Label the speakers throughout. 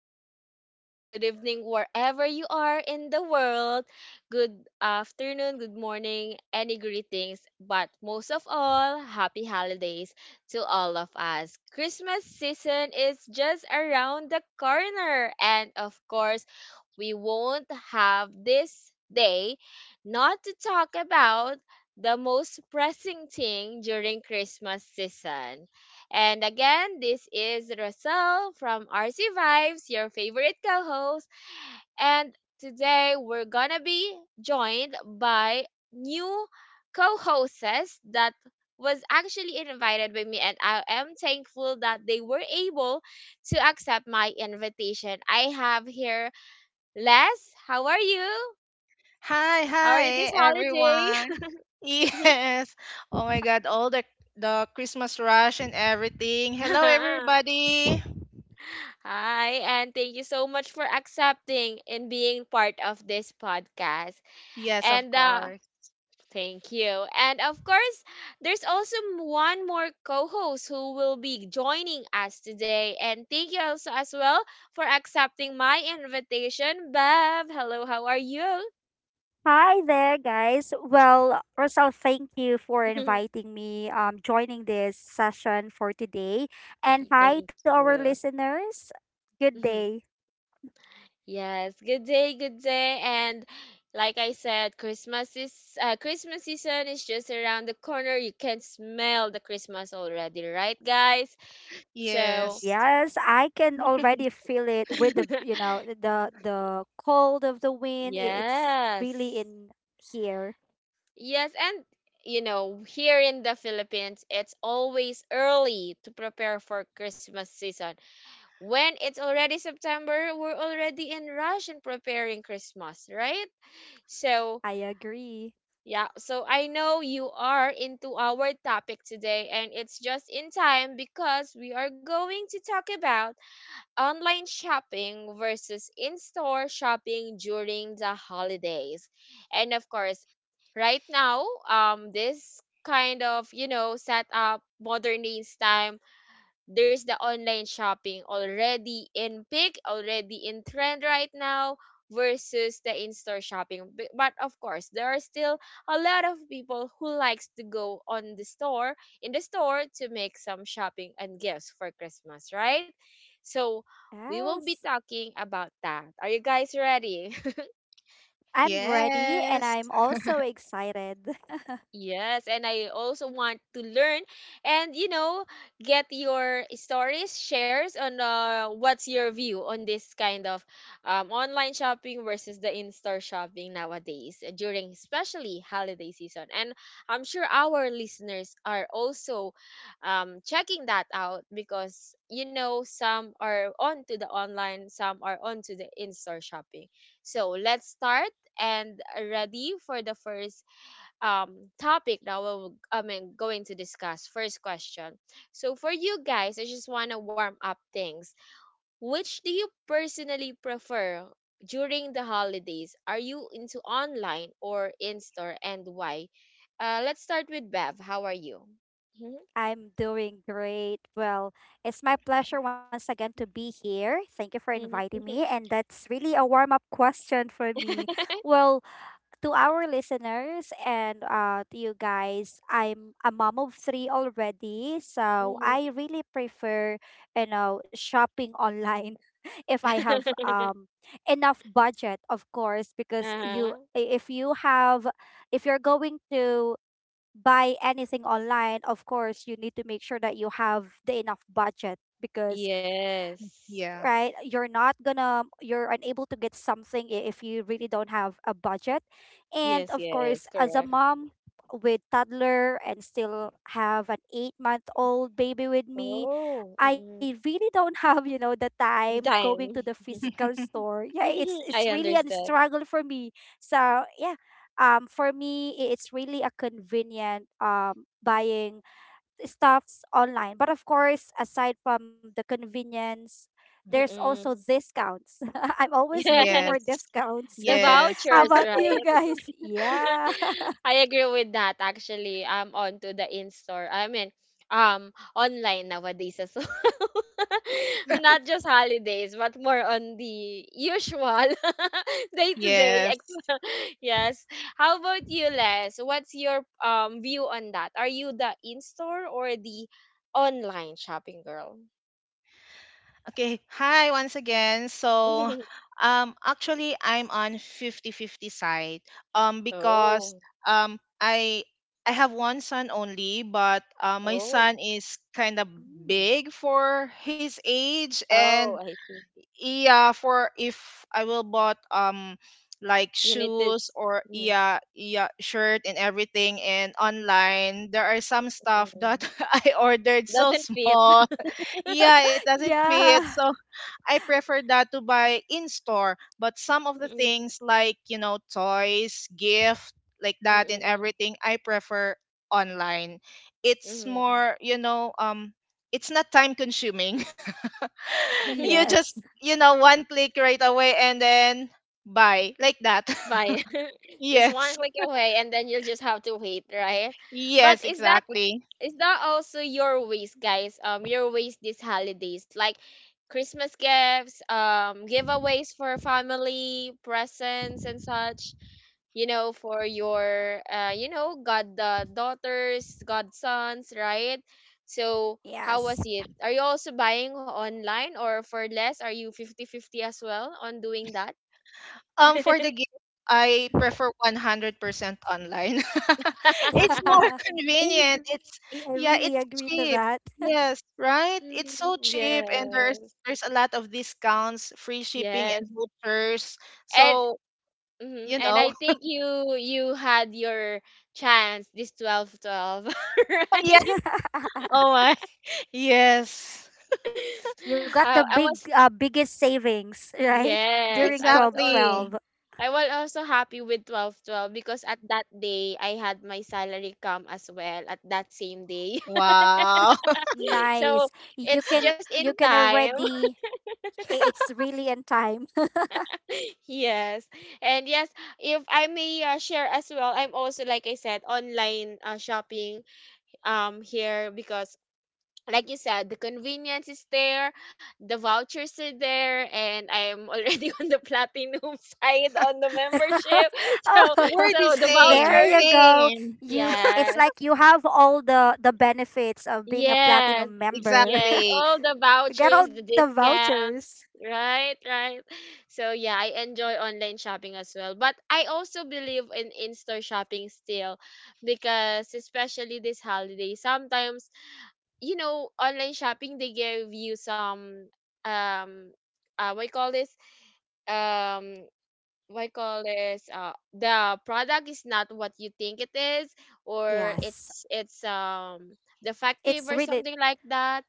Speaker 1: guys. Good afternoon, good evening, wherever you are in the world. Good afternoon, good morning, any greetings, but most of all, happy holidays to all of us. Christmas season is just around the corner, and of course, we won't have this day not to talk about the most pressing thing during Christmas season. And again, this is Russell from RC Vibes, your favorite co host. And today we're gonna be joined by new co hosts that was actually invited by me, and I am thankful that they were able to accept my invitation. I have here Les. How are you?
Speaker 2: Hi,
Speaker 1: How are you this
Speaker 2: everyone.
Speaker 1: holiday?
Speaker 2: Yes. Oh my God, all the Christmas rush and everything. Hello, everybody.
Speaker 1: Hi, and thank you so much for accepting and being part of this podcast.
Speaker 2: Yes, of
Speaker 1: And
Speaker 2: course.
Speaker 1: thank you. And of course, there's also one more co host who will be joining us today. And thank you also as well for accepting my invitation, Bev. Hello, how are you?
Speaker 3: Hi there, guys. Well, Rosal, thank you for inviting me, joining this session for today. And hi
Speaker 1: Thank
Speaker 3: to our
Speaker 1: you.
Speaker 3: listeners. Good day.
Speaker 1: Yes, good day, good day. And like I said, Christmas season is just around the corner. You can smell the Christmas already, right, guys? So,
Speaker 2: Yes.
Speaker 3: Yes, I can already feel it with the, you know, the the cold of the wind. It's really
Speaker 1: yes.
Speaker 3: in here.
Speaker 1: Yes, and you know, here in the Philippines, it's always early to prepare for Christmas season. When it's already September, we're already in rush in preparing Christmas, right? So,
Speaker 3: I agree.
Speaker 1: yeah, so I know you are into our topic today, and it's just in time because we are going to talk about online shopping versus in store shopping during the holidays. And of course, right now, this kind of, set up modern days time, there's the online shopping already in peak, already in trend right now versus the in-store shopping. But of course, there are still a lot of people who likes to go on the store, in the store to make some shopping and gifts for Christmas, right? So, we will be
Speaker 3: Yes.
Speaker 1: talking about that. Are you guys ready?
Speaker 3: I'm ready and
Speaker 2: Yes.
Speaker 3: I'm also excited.
Speaker 1: Yes, and I also want to learn and, get your stories shares on what's your view on this kind of, online shopping versus the in-store shopping nowadays, during especially holiday season. And I'm sure our listeners are also checking that out, because you know, some are on to the online, some are on to the in-store shopping. So let's start and ready for the first topic that we're going to discuss. First question. So for you guys, I just want to warm up things. Which do you personally prefer during the holidays? Are you into online or in store, and why? Let's start with Bev. How are you?
Speaker 3: I'm doing great. Well, it's my pleasure once again to be here. Thank you for
Speaker 1: Mhm, mhm,
Speaker 3: inviting me.
Speaker 1: mhm,
Speaker 3: And that's really a warm up question for me. Well, to our listeners and to you guys, I'm a mom of three already. So
Speaker 1: Mhm.
Speaker 3: I really prefer, you know, shopping online if I have enough budget, of course, because you,
Speaker 1: Uh-huh.
Speaker 3: I- if you have, if you're going to buy anything online, of course, you need to make sure that you have the enough budget because
Speaker 1: Yes.
Speaker 3: right,
Speaker 2: Yeah.
Speaker 3: you're not gonna you're unable to get something if you really don't have a budget. And
Speaker 1: Yes,
Speaker 3: of
Speaker 1: yes,
Speaker 3: course, as a
Speaker 1: correct.
Speaker 3: mom with toddler and still have an 8-month-old baby with me,
Speaker 1: Oh, mm-mm.
Speaker 3: I really don't have the time going
Speaker 1: Time.
Speaker 3: to the physical store. Yeah, it's
Speaker 1: I
Speaker 3: really a
Speaker 1: understand.
Speaker 3: struggle for me. So yeah, for me, it's really a convenient buying stuffs online. But of course, aside from the convenience, there's also
Speaker 1: Mm-mm.
Speaker 3: discounts. I'm always looking for
Speaker 1: Yes,
Speaker 2: Yes.
Speaker 3: discounts.
Speaker 1: the
Speaker 2: Yes.
Speaker 3: How
Speaker 1: vouchers,
Speaker 3: about you
Speaker 1: right?
Speaker 3: guys? Yeah.
Speaker 1: I agree with that actually. I'm on to the in-store. I mean, online nowadays as well. Not just holidays, but more on the usual day-to-day.
Speaker 2: Yes.
Speaker 1: Yes. How about you, Les? What's your view on that? Are you the in-store or the online shopping girl?
Speaker 2: Okay. Hi once again. Actually I'm on 50-50 side. Because
Speaker 1: Oh.
Speaker 2: um I I have one son only, but my
Speaker 1: Oh.
Speaker 2: son is kind of
Speaker 3: Mm.
Speaker 2: big for his age
Speaker 1: Oh,
Speaker 2: and
Speaker 1: I see.
Speaker 2: yeah, for if I will bought like
Speaker 1: Unit is.
Speaker 2: shoes or
Speaker 1: Mm,
Speaker 2: yeah, shirt and everything, and online there are some
Speaker 1: mm,
Speaker 2: stuff that
Speaker 1: mm.
Speaker 2: I ordered so
Speaker 1: Doesn't fit.
Speaker 2: small, yeah it doesn't fit,
Speaker 3: Yeah.
Speaker 2: so I prefer that to buy in store. But some of the
Speaker 1: Mm,
Speaker 2: things like, you know, toys, gift, like that and
Speaker 1: mm,
Speaker 2: everything, I prefer online. It's
Speaker 1: mm,
Speaker 2: more, you know, it's not time consuming.
Speaker 1: mm.
Speaker 2: You just,
Speaker 3: Yes.
Speaker 2: you know, one click right away and then buy like that.
Speaker 1: By, just one
Speaker 2: Yes.
Speaker 1: click away and then you'll just have to wait, right? But
Speaker 2: Yes,
Speaker 1: is that
Speaker 2: exactly.
Speaker 1: is that also your ways, guys? Your ways these holidays, like Christmas gifts, giveaways for family, presents and such. For your god, daughters, godsons, right? So how
Speaker 3: Yes.
Speaker 1: was it? Are you also buying online or for less? Are you 50 50 as well on doing that?
Speaker 2: For the gift, I prefer 100% online. It's more
Speaker 3: I
Speaker 2: convenient.
Speaker 3: agree.
Speaker 2: It's
Speaker 3: I
Speaker 2: yeah,
Speaker 3: really
Speaker 2: it's
Speaker 3: agree to
Speaker 2: cheap.
Speaker 3: that.
Speaker 2: Yes, right? It's so
Speaker 1: Mm,
Speaker 2: cheap and there's
Speaker 1: yes,
Speaker 2: there's a lot of discounts, free shipping
Speaker 1: yes,
Speaker 2: and vouchers.
Speaker 1: and
Speaker 2: So,
Speaker 1: mhm,
Speaker 2: you
Speaker 1: and
Speaker 2: know.
Speaker 1: I think you had your chance this 12 12,
Speaker 2: Yeah.
Speaker 1: right?
Speaker 2: Oh my. Yes.
Speaker 3: You got the
Speaker 1: I
Speaker 3: big
Speaker 1: was
Speaker 3: biggest savings, right?
Speaker 1: yes,
Speaker 3: During
Speaker 1: I was
Speaker 3: 12,
Speaker 1: also
Speaker 2: Exactly.
Speaker 3: 12.
Speaker 1: I was also happy with 12 12 because at that day I had my salary come as well at that same day,
Speaker 2: Wow.
Speaker 1: so
Speaker 3: Nice. You
Speaker 1: it's
Speaker 3: can
Speaker 1: just in
Speaker 3: you can
Speaker 1: time.
Speaker 3: already it's really in time.
Speaker 1: Yes, and yes, if I may share as well, I'm also, like I said, online shopping here, because like you said, the convenience is there, the vouchers are there, and I'm already on the platinum side on the membership.
Speaker 3: Oh,
Speaker 1: so
Speaker 2: We're
Speaker 1: so
Speaker 2: the
Speaker 1: the
Speaker 2: same.
Speaker 3: there
Speaker 1: vouchers,
Speaker 3: you go.
Speaker 2: Same.
Speaker 3: You, it's
Speaker 1: yes,
Speaker 3: like you have all the benefits of being a
Speaker 1: yes,
Speaker 3: platinum member.
Speaker 1: yes,
Speaker 2: Exactly.
Speaker 1: all the
Speaker 3: You get
Speaker 1: vouchers,
Speaker 3: all
Speaker 1: the
Speaker 3: the
Speaker 1: discounts,
Speaker 3: vouchers.
Speaker 1: right, right, so yeah, I enjoy online shopping as well, but I also believe in in-store shopping still, because especially this holiday sometimes, you know, online shopping, they give you some um what you call this? Um what you call this? The product is not what you think it is, or
Speaker 3: Yes.
Speaker 1: it's defective
Speaker 3: It's
Speaker 1: or
Speaker 3: really
Speaker 1: something like that.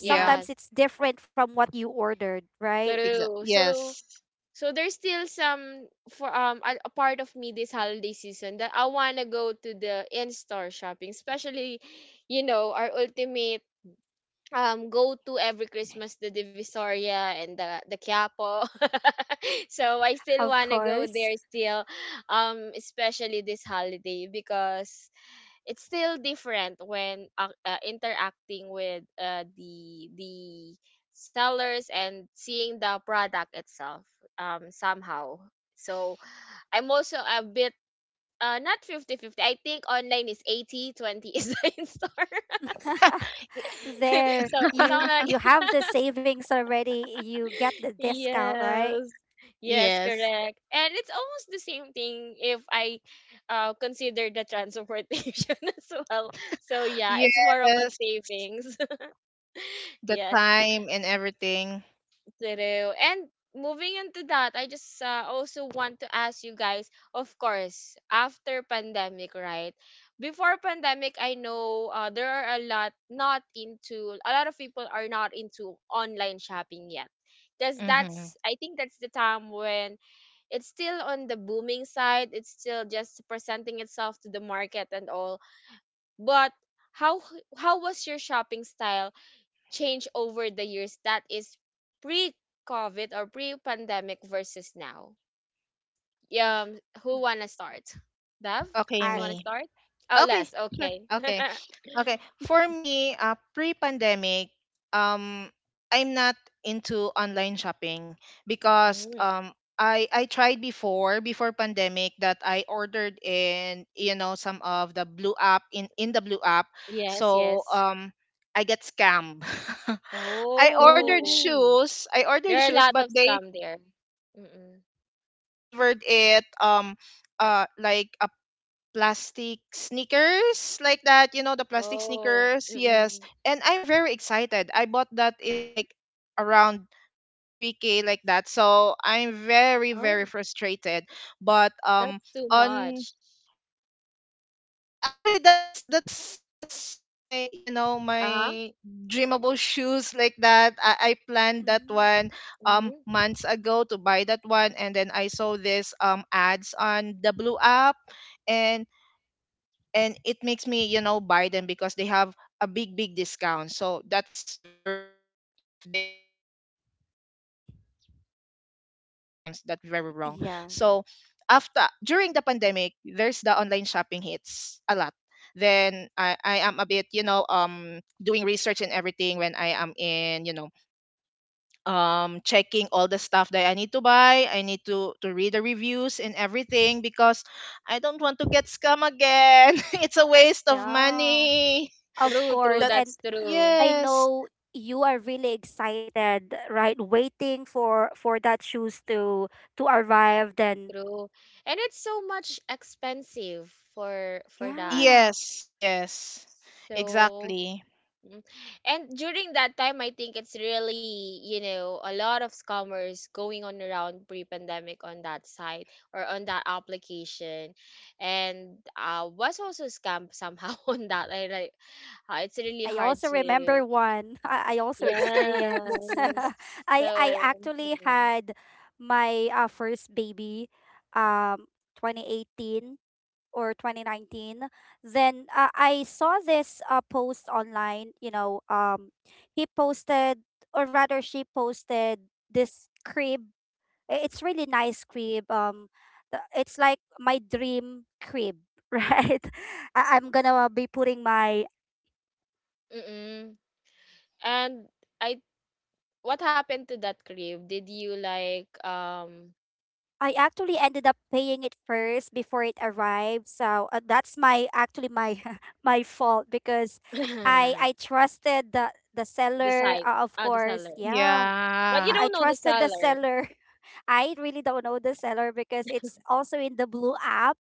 Speaker 2: Yeah.
Speaker 3: it's different from what you ordered, right?
Speaker 2: Exactly.
Speaker 1: True. So
Speaker 2: Yes.
Speaker 1: so there's still some for a part of me this holiday season that I wanna go to the in store shopping, especially you know our ultimate go to every Christmas, the Divisoria and the Quiapo. So I still
Speaker 3: Of
Speaker 1: wanna go
Speaker 3: course.
Speaker 1: there still, especially this holiday, because it's still different when interacting with the sellers and seeing the product itself somehow. So I'm also a bit, not 50 50. I think online is 80/20, 20 is the in store.
Speaker 3: There
Speaker 1: So,
Speaker 3: you have the savings already. You get the discount, right?
Speaker 1: yes. Yes,
Speaker 2: Yes.
Speaker 1: correct. And it's almost the same thing if I consider the transportation as well. So yeah, it's more of a
Speaker 2: Yes.
Speaker 1: savings.
Speaker 2: The
Speaker 1: Yes,
Speaker 2: time and everything.
Speaker 1: true. And moving into that, I just also want to ask you guys, of course, after pandemic, right? Before pandemic, I know there are a lot, not into, a lot of people are not into online shopping yet, because
Speaker 2: Mm-hmm.
Speaker 1: that's, I think that's the time when it's still on the booming side, it's still just presenting itself to the market and all, but how how was your shopping style change over the years, that is pre covid or pre pandemic versus now? um who want to start, Dev,
Speaker 2: Okay,
Speaker 1: you
Speaker 3: I
Speaker 1: want to
Speaker 2: me.
Speaker 1: start? Oh,
Speaker 2: Okay,
Speaker 1: Les, okay.
Speaker 2: okay, okay. For me, pre-pandemic, um, I'm not into online shopping because
Speaker 1: Mm,
Speaker 2: I tried before pandemic that I ordered in, you know, some of the blue app in the blue app,
Speaker 1: yes,
Speaker 2: so
Speaker 1: yes.
Speaker 2: I get scammed.
Speaker 1: Oh,
Speaker 3: Ooh.
Speaker 2: I
Speaker 1: there
Speaker 2: ordered
Speaker 1: are a lot
Speaker 2: shoes,
Speaker 1: of
Speaker 2: but
Speaker 1: scam
Speaker 2: they—
Speaker 1: there.
Speaker 2: yes,
Speaker 1: Mm-mm.
Speaker 2: they delivered it like a plastic sneakers like that, you know, the plastic
Speaker 1: Oh,
Speaker 2: sneakers. Yes.
Speaker 1: mm-mm.
Speaker 2: And I'm very excited. I bought that in like around 2 to 3K like that. So I'm
Speaker 1: Oh.
Speaker 2: very frustrated. But
Speaker 1: That's too
Speaker 2: on
Speaker 1: much.
Speaker 2: yes, I— actually, that's my, you know,
Speaker 1: Uh-huh.
Speaker 2: my dreamable shoes like that. I planned that
Speaker 3: Mm,
Speaker 2: one
Speaker 1: Hmm.
Speaker 2: months ago to buy that one, and then I saw this ads on the Blue app, and it makes me, you know, buy them because they have a big discount. So that's very wrong if they give a big discount. That's very wrong. So after, during the
Speaker 3: yeah.
Speaker 2: pandemic, there's the online shopping hits a lot, then I am a bit, you know, doing research and everything when I am in, you know, checking all the stuff that I need to buy. I need to read the reviews and everything because I don't want to get scam again. It's a waste of
Speaker 3: Yeah.
Speaker 2: money.
Speaker 3: Of
Speaker 1: True, true.
Speaker 3: course.
Speaker 2: That
Speaker 3: And
Speaker 1: That's true.
Speaker 3: I
Speaker 2: Yes.
Speaker 3: know you are really excited, right? Waiting for that shoes to arrive. Then
Speaker 1: True. And it's so much expensive for that.
Speaker 3: yeah,
Speaker 2: Yes, yes.
Speaker 1: So,
Speaker 2: Exactly.
Speaker 1: mm. And during that time, I think it's really, you know, a lot of scammers going on around pre-pandemic on that site or on that application. And was also scammed somehow on that. I, like, it's really
Speaker 3: I
Speaker 1: hard
Speaker 3: also
Speaker 1: to,
Speaker 3: remember one. I also experienced.
Speaker 1: yes.
Speaker 3: I
Speaker 1: So,
Speaker 3: actually
Speaker 1: mm-mm.
Speaker 3: had my first baby, um, 2018. Or 2019. Then I saw this post online, he posted, or rather she posted, this crib. It's really nice crib, it's like my dream crib. Right, I'm gonna be putting my...
Speaker 1: Mm-mm. And I what happened to that crib? Did you like,
Speaker 3: I actually ended up paying it first before it arrived. So that's my actually my my fault because I
Speaker 1: the
Speaker 3: I trusted the seller,
Speaker 1: site?
Speaker 3: of
Speaker 1: Ah, the
Speaker 3: course.
Speaker 1: seller.
Speaker 3: Yeah,
Speaker 1: Mm-mm. But you
Speaker 2: Yeah.
Speaker 3: I
Speaker 1: don't know the
Speaker 3: trusted the
Speaker 1: seller,
Speaker 3: seller. I really don't know the seller because it's also in the blue app.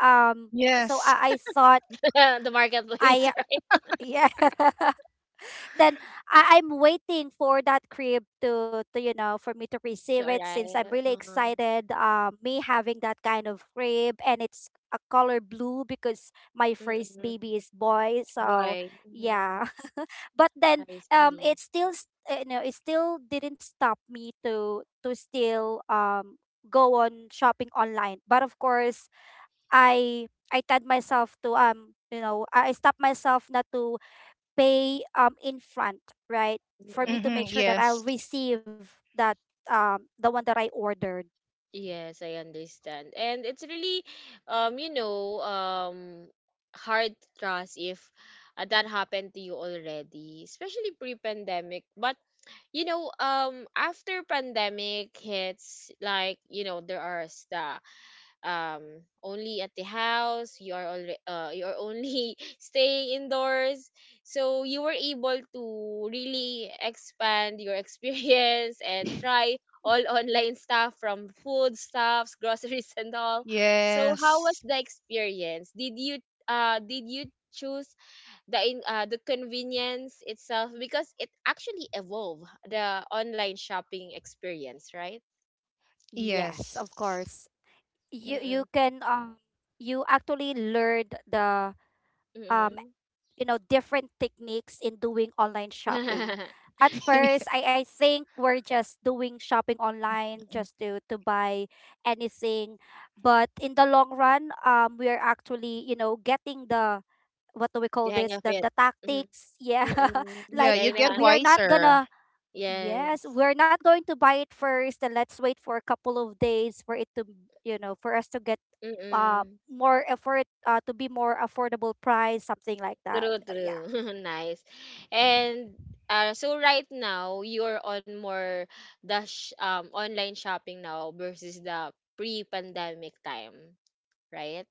Speaker 3: Um, so
Speaker 2: Yes.
Speaker 3: I thought.
Speaker 1: the marketplace,
Speaker 3: I
Speaker 1: right?
Speaker 3: Yeah. Then I'm waiting for that crib to for me to
Speaker 1: To
Speaker 3: receive it since I'm
Speaker 1: arrive.
Speaker 3: really excited. Me having that kind of crib, and it's a color blue because my first
Speaker 1: Mm-mm.
Speaker 3: baby is boy. So
Speaker 1: Why? Mm-hmm.
Speaker 3: yeah. But then
Speaker 1: I see.
Speaker 3: it still you know, it still didn't stop me to still go on shopping online. But of course, I tied myself to, I stopped myself not to pay, in front, right, for me to
Speaker 1: Mm-mm.
Speaker 2: Mhm.
Speaker 3: make sure that I'll
Speaker 2: Yes.
Speaker 3: receive that, the one that I ordered.
Speaker 1: Yes, I understand. And it's really, you know, hard to trust if that happened to you already, especially pre-pandemic. But you know, after pandemic hits, like you know, there are the only at the house. You are already, you are only staying indoors, so you were able to really expand your experience and try all online stuff, from food stuffs, groceries, and all. So, how was
Speaker 2: Yes.
Speaker 1: the experience? Did you choose the in, the convenience itself, because it actually evolved the online shopping experience, right?
Speaker 3: Yes,
Speaker 2: Yes.
Speaker 3: of course. You
Speaker 1: Mm-mm.
Speaker 3: can, you actually learned the, um
Speaker 1: Mm-mm.
Speaker 3: different techniques in doing online
Speaker 1: The
Speaker 3: shopping. At first, I think we're just doing shopping online just to buy anything, but in the long run, we're actually, getting the, what do we call
Speaker 1: hang
Speaker 3: this,
Speaker 1: of
Speaker 3: the
Speaker 1: it.
Speaker 3: the
Speaker 1: Mm-mm.
Speaker 3: tactics. Yeah.
Speaker 1: Mm-mm.
Speaker 2: Yeah,
Speaker 3: Like,
Speaker 2: you
Speaker 1: Getting the
Speaker 2: get
Speaker 1: hang
Speaker 3: we
Speaker 1: of
Speaker 3: are
Speaker 1: it.
Speaker 3: not
Speaker 2: wiser.
Speaker 3: gonna yes,
Speaker 1: Yes.
Speaker 3: we're not going to buy it first, and let's wait for a couple of days for it to, for us to get, uh
Speaker 1: Mm-mm.
Speaker 3: more effort, to be more affordable price, something like that.
Speaker 1: True,
Speaker 3: Yeah.
Speaker 1: true. Nice. And so right now you're on more the online shopping now versus the pre-pandemic time, right?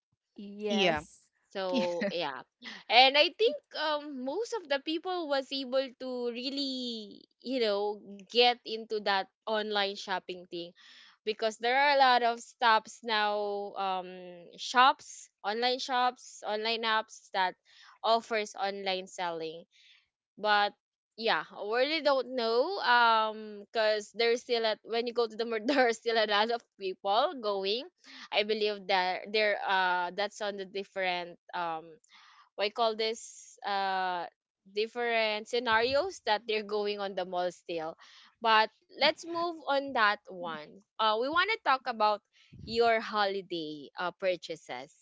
Speaker 2: Yeah.
Speaker 3: Yes.
Speaker 1: So
Speaker 2: Yeah.
Speaker 1: yeah, and I think most of the people was able to really, you know, get into that online shopping thing, because there are a lot of stops now, um shops, online shops, online apps that offers online selling. But yeah, I really don't know, because there's still a, when you go to the mall, there are still a lot of people going. I believe that there, that's on the different we call this, different scenarios that they're going on the mall still. But let's move on that one. We want to talk about your holiday purchases.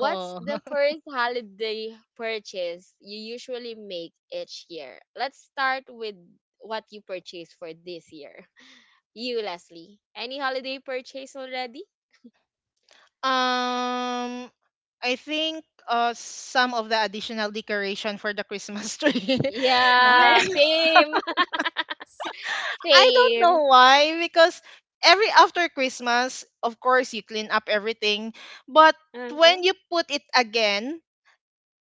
Speaker 1: What's
Speaker 2: Oh.
Speaker 1: the first holiday purchase you usually make each year? Let's start with what you purchased for this year. You, Leslie, any holiday purchase already?
Speaker 2: Um, I think some of the additional decoration for the Christmas tree. Me—
Speaker 1: Yeah,
Speaker 3: Nice.
Speaker 1: same.
Speaker 3: Same.
Speaker 2: I don't
Speaker 1: Same.
Speaker 2: know why, because every after Christmas, of course, you clean up everything, but
Speaker 1: Uh-huh.
Speaker 2: when you put it again,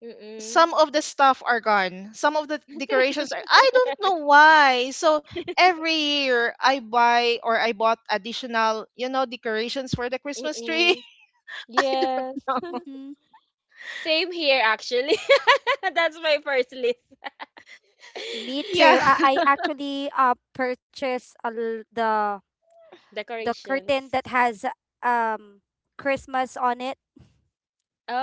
Speaker 1: Mm.
Speaker 2: some of the stuff are gone. Some of the decorations are—
Speaker 1: True.
Speaker 2: I don't know why. So every year I buy or I bought additional, you know, decorations for the Christmas tree.
Speaker 1: Mm. Yes.
Speaker 3: Hmm.
Speaker 1: Same here actually. That's my first list.
Speaker 3: Me
Speaker 2: Yeah.
Speaker 3: too. I, I actually purchased a, l- the curtain
Speaker 1: Decorations.
Speaker 3: that has um Christmas on it.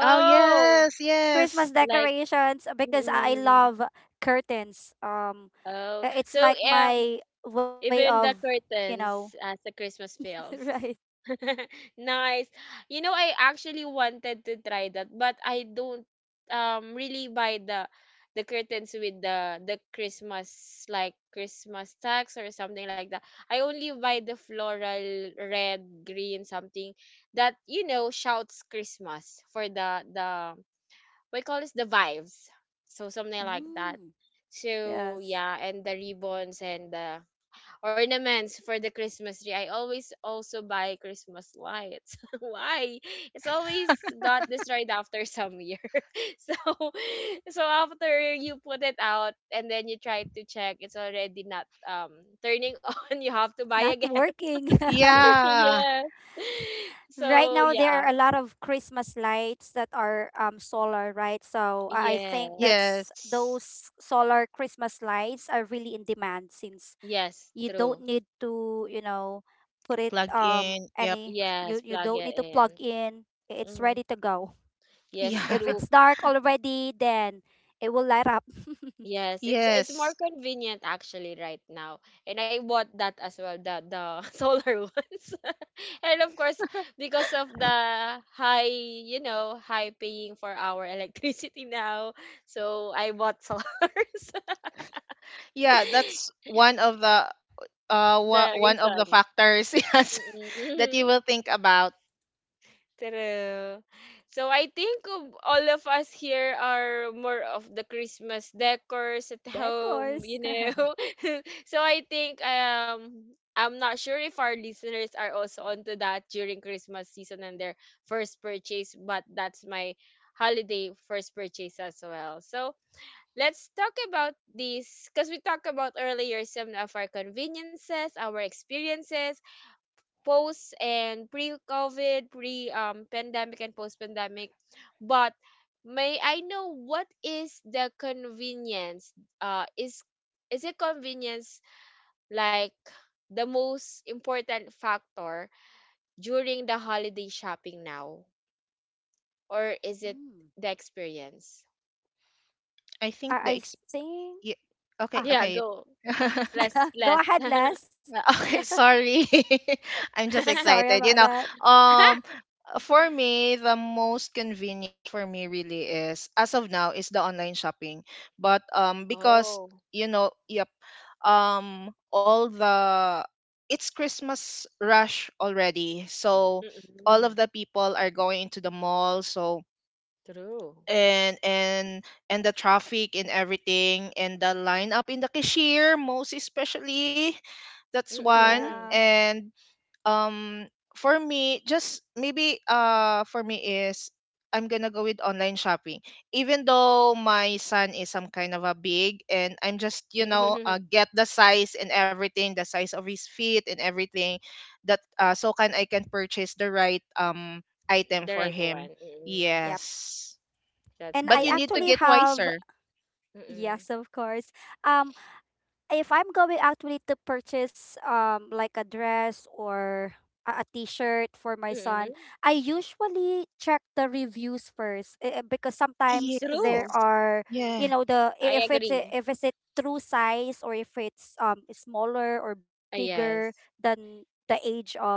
Speaker 2: Oh yes, yes.
Speaker 3: Christmas
Speaker 1: like,
Speaker 3: decorations, because I
Speaker 1: mm.
Speaker 3: love curtains.
Speaker 1: Oh,
Speaker 3: It's
Speaker 1: so
Speaker 3: like my way
Speaker 1: even
Speaker 3: of,
Speaker 1: the
Speaker 3: you know.
Speaker 1: curtains as the Christmas feels.
Speaker 3: Right.
Speaker 1: Nice. You know, I actually wanted to try that, but I don't really buy the, curtains with the Christmas, like Christmas tags or something like that. I only buy the floral red, green, something that you know shouts Christmas for the, we call this, the vibes. So something like that.
Speaker 3: Mm,
Speaker 1: So
Speaker 3: yes.
Speaker 1: yeah, and the ribbons and the ornaments for the Christmas tree. I always also buy Christmas lights. Why? It's always got destroyed after some year. so so after you put it out and then you try to check, it's already not turning on. You have to buy
Speaker 3: Not
Speaker 1: again.
Speaker 3: working.
Speaker 2: Yeah.
Speaker 1: Yeah.
Speaker 3: Right
Speaker 1: So
Speaker 3: now,
Speaker 1: yeah.
Speaker 3: there are a lot of Christmas lights that are, solar, right? So I think
Speaker 1: Yes.
Speaker 3: that's
Speaker 2: Yes.
Speaker 3: those solar Christmas lights are really in demand since you
Speaker 1: Yes,
Speaker 3: don't
Speaker 1: true.
Speaker 3: need to, you know, put it,
Speaker 2: Plug in. Yep.
Speaker 3: any
Speaker 1: Yes,
Speaker 3: you you
Speaker 1: plug
Speaker 3: don't
Speaker 1: it
Speaker 3: need to plug
Speaker 1: in.
Speaker 3: in. It's
Speaker 1: Hmm.
Speaker 3: ready to go.
Speaker 1: Yes,
Speaker 2: Yeah.
Speaker 3: If
Speaker 1: true.
Speaker 3: it's dark already, then it will light up.
Speaker 1: Yes, it's more
Speaker 2: Yes.
Speaker 1: convenient actually right now. And I bought that as well, the solar ones. And of course, because of the high, high paying for our electricity now, so I bought solars.
Speaker 2: Yeah, that's one of the
Speaker 1: The
Speaker 2: one of the
Speaker 1: reason.
Speaker 2: factors yes that
Speaker 1: Mm-mm.
Speaker 2: you will think about.
Speaker 1: True. So I think of all of us here are more of the Christmas decors at home, you
Speaker 3: Decors.
Speaker 1: know. So I think I'm not sure if our listeners are also onto that during Christmas season and their first purchase, but that's my holiday first purchase as well. So let's talk about this because we talked about earlier some of our conveniences, our experiences, post and pre-COVID, pre pandemic and post-pandemic. But may I know what is the convenience? Is is it convenience like the most important factor during the holiday shopping now, or is it
Speaker 3: Mm.
Speaker 1: the experience?
Speaker 2: I
Speaker 3: I
Speaker 2: think the
Speaker 3: I
Speaker 2: exp-
Speaker 3: think,
Speaker 2: y- okay,
Speaker 3: ah
Speaker 1: Yeah,
Speaker 2: okay.
Speaker 1: go less
Speaker 3: go
Speaker 1: less.
Speaker 3: ahead, Les.
Speaker 2: Okay, sorry. I'm just
Speaker 3: Sorry
Speaker 2: excited. You
Speaker 3: about
Speaker 2: know,
Speaker 3: that.
Speaker 2: um for me the most convenience for me really is, as of now, is the online shopping. But because
Speaker 1: Oh,
Speaker 2: you know, yep, all the it's Christmas rush already. So all of
Speaker 1: mm-mm.
Speaker 2: the people are going into the mall, so
Speaker 1: True.
Speaker 2: and and the traffic and everything and the lineup in the cashier most especially, that's one.
Speaker 1: Mm-mm.
Speaker 3: Yeah.
Speaker 2: And um for me, just maybe for me is I'm gonna go with online shopping even though my son is some kind of a big, and I'm just, you know, get the size and everything, the size of his feet and everything, that so can I— can purchase the right item
Speaker 1: The
Speaker 2: for
Speaker 1: right
Speaker 2: him,
Speaker 1: one. Mm-mm.
Speaker 3: Yeah.
Speaker 2: yes.
Speaker 1: That's
Speaker 3: And
Speaker 2: But
Speaker 3: I
Speaker 2: you
Speaker 1: correct.
Speaker 2: need to
Speaker 1: So,
Speaker 3: actually
Speaker 2: get
Speaker 3: have
Speaker 2: wiser.
Speaker 1: mm-mm,
Speaker 3: yes, of course. Um if I'm going actually to purchase, like a dress or a t-shirt for my son,
Speaker 1: mm-mm,
Speaker 3: I usually check the reviews first, because
Speaker 2: Yes.
Speaker 3: sometimes there
Speaker 1: true.
Speaker 3: are, you
Speaker 2: Yeah.
Speaker 3: know, the I-
Speaker 1: I agree.
Speaker 3: if it's a true size, or if it's smaller or
Speaker 1: Uh,
Speaker 3: bigger
Speaker 1: yes.
Speaker 3: than the age of,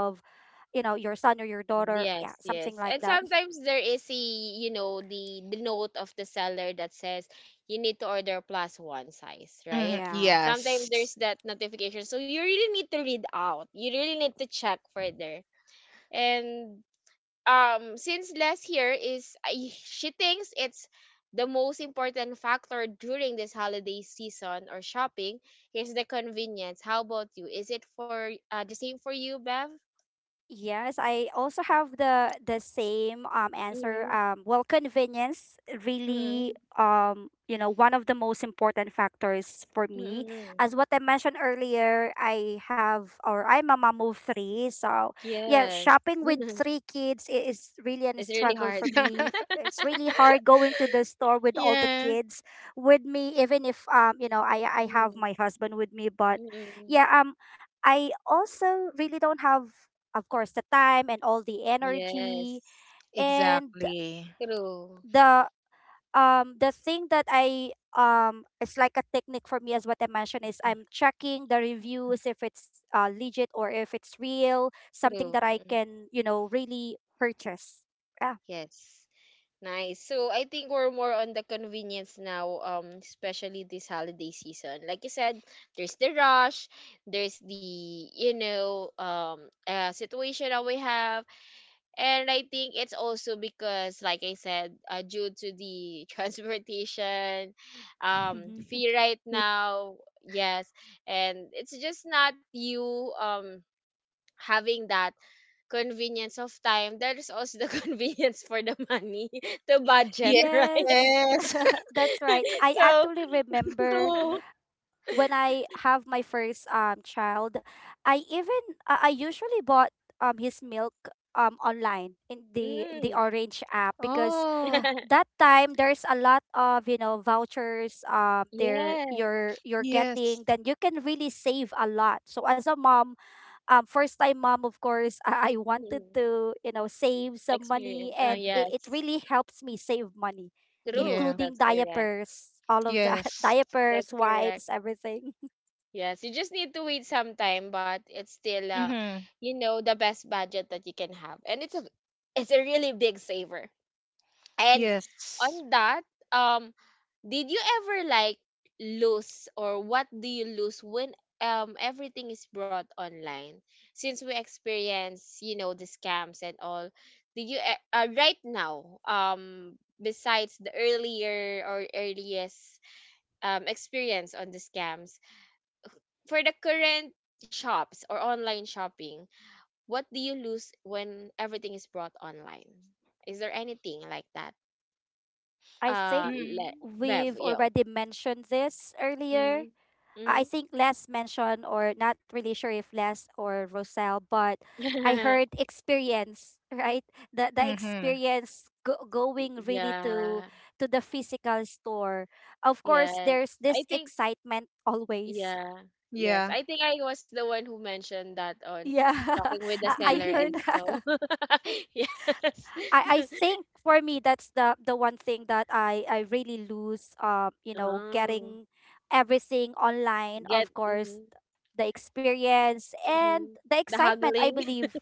Speaker 3: you know, your son or your daughter, yeah,
Speaker 1: Yes,
Speaker 3: something
Speaker 1: yes.
Speaker 3: like
Speaker 1: And
Speaker 3: that.
Speaker 1: sometimes there is a, you know, the note of the seller that says you need to order plus one size,
Speaker 2: Hmm.
Speaker 1: right?
Speaker 3: Yeah.
Speaker 1: Sometimes
Speaker 2: Yes.
Speaker 1: there's that notification. So you really need to read out. You really need to check further. And since last year is I- she thinks it's the most important factor during this holiday season or shopping is the convenience. How about you? Is it for the same for you, Bev?
Speaker 3: Yes, I also have the same answer.
Speaker 1: Mm-hmm.
Speaker 3: Well, convenience really,
Speaker 1: Mm-hmm.
Speaker 3: one of the most important factors for me.
Speaker 1: Mm-hmm.
Speaker 3: As what I mentioned earlier, I have, or I'm a mom of three, so yeah,
Speaker 1: Yes.
Speaker 3: shopping with three kids is really a
Speaker 1: It's really
Speaker 3: struggle for
Speaker 1: hard.
Speaker 3: me. It's really hard going to the store with all the
Speaker 2: Yeah.
Speaker 3: kids with me, even if, I have my husband with me, but
Speaker 1: Mm-hmm.
Speaker 3: yeah, I also really don't have, of course, the time and all the energy,
Speaker 1: Yes.
Speaker 3: and
Speaker 2: Exactly.
Speaker 1: True.
Speaker 3: the the thing that, I it's like a technique for me, as what I mentioned, is I'm checking the reviews if it's, legit, or if it's real, something that
Speaker 1: True.
Speaker 3: I
Speaker 1: Mm-mm.
Speaker 3: can, really purchase. Yeah.
Speaker 1: Yes. Nice. So I think we're more on the convenience now, especially this holiday season. Like you said, there's the rush, there's the you know um situation that we have, and I think it's also because, like I said, due to the transportation,
Speaker 3: Mm-hmm.
Speaker 1: fee right
Speaker 2: Y-
Speaker 1: now, yes, and it's just not you having that convenience of time. There's also the convenience for the money, the budget, right?
Speaker 3: Yes.
Speaker 2: Yes.
Speaker 3: That's right. I
Speaker 1: So,
Speaker 3: actually remember
Speaker 2: True.
Speaker 3: when I have my first, child, I usually bought, his milk, online in the
Speaker 1: mm,
Speaker 3: Orange app, because
Speaker 2: Oh.
Speaker 3: that time there's a lot of, vouchers, there.
Speaker 1: yes,
Speaker 3: You're getting,
Speaker 2: Yes.
Speaker 3: then you can really save a lot. So as a mom, first time mom, of course, I wanted
Speaker 1: mm,
Speaker 3: to, save some money,
Speaker 1: experience. Uh,
Speaker 3: and
Speaker 2: Mhm.
Speaker 3: it
Speaker 1: yes,
Speaker 3: really helps me save money,
Speaker 1: true.
Speaker 2: Yeah.
Speaker 3: including
Speaker 1: That's correct.
Speaker 3: diapers, all of that,
Speaker 2: Yes.
Speaker 3: diapers,
Speaker 1: That's correct.
Speaker 3: wipes, everything.
Speaker 1: Yes, you just need to wait some time, but it's still,
Speaker 2: Mm-hmm.
Speaker 1: you know, the best budget that you can have, and it's a really big saver. And
Speaker 2: Yes.
Speaker 1: on that, um, did you ever like lose or what do you lose when everything is brought online? Since we experience, you know, the scams and all, did you right now, besides the earlier or earliest experience on the scams, for the current shops or online shopping, what do you lose when everything is brought online? Is there anything like that?
Speaker 3: I think
Speaker 1: Le
Speaker 2: Mm.
Speaker 1: Bev,
Speaker 3: we've
Speaker 1: yo.
Speaker 3: already mentioned this earlier.
Speaker 1: Mm-hmm.
Speaker 3: I think Les mentioned, or not really sure if Les or Roselle, but I
Speaker 1: Mm-hmm.
Speaker 3: heard experience, right? The
Speaker 2: Mm-hmm.
Speaker 3: experience, going really to
Speaker 1: Yeah.
Speaker 3: to the physical store. Of course,
Speaker 1: Yes.
Speaker 3: there's this
Speaker 1: I think,
Speaker 3: excitement always.
Speaker 1: yeah. Yes.
Speaker 2: Yeah.
Speaker 1: I think I was the one who mentioned that on
Speaker 3: Yeah.
Speaker 1: talking with the
Speaker 3: I
Speaker 1: Seller
Speaker 3: heard
Speaker 1: and so.
Speaker 3: that.
Speaker 1: Yes.
Speaker 3: I think for me, that's the one thing that I really lose,
Speaker 1: Oh,
Speaker 3: getting everything online.
Speaker 1: get
Speaker 3: Of course,
Speaker 1: mm-hmm,
Speaker 3: the experience and
Speaker 1: mm-hmm.
Speaker 3: the
Speaker 1: The
Speaker 3: excitement, I
Speaker 1: haggling,
Speaker 3: believe.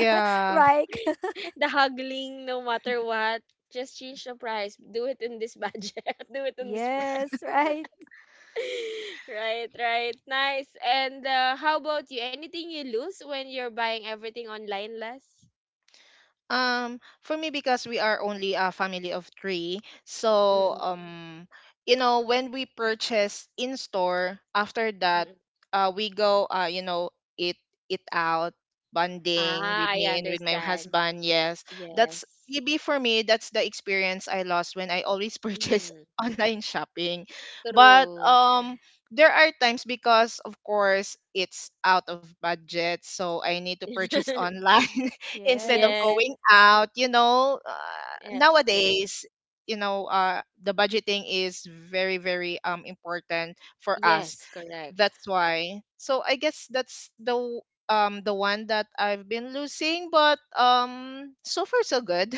Speaker 3: Right.
Speaker 1: the haggling, no matter what. Just change the price. Do it in this budget. Do it in this
Speaker 3: Yes, right.
Speaker 1: right, right. Nice. And how about you? Anything you lose when you're buying everything online less?
Speaker 2: For me, because we are only a family of three, so
Speaker 1: Mm-mm.
Speaker 2: you know, when we purchase in store, after that,
Speaker 1: Mm-mm.
Speaker 2: we go, you know, eat it out, bonding
Speaker 1: Ah,
Speaker 2: with
Speaker 1: I
Speaker 2: me and with my
Speaker 1: understand.
Speaker 2: husband. Yes, that's
Speaker 1: Yes.
Speaker 2: maybe for me. That's the experience I lost when I always purchase
Speaker 1: Mm,
Speaker 2: online shopping. But
Speaker 1: true.
Speaker 2: there are times because, of course, it's out of budget, so I need to purchase online instead of
Speaker 3: Yes.
Speaker 1: Yes,
Speaker 2: going out, you know,
Speaker 1: that's true.
Speaker 2: nowadays, you know, the budgeting is very important for us,
Speaker 1: Yes, correct.
Speaker 2: that's why. So I guess that's the the one that I've been losing, but so far so good.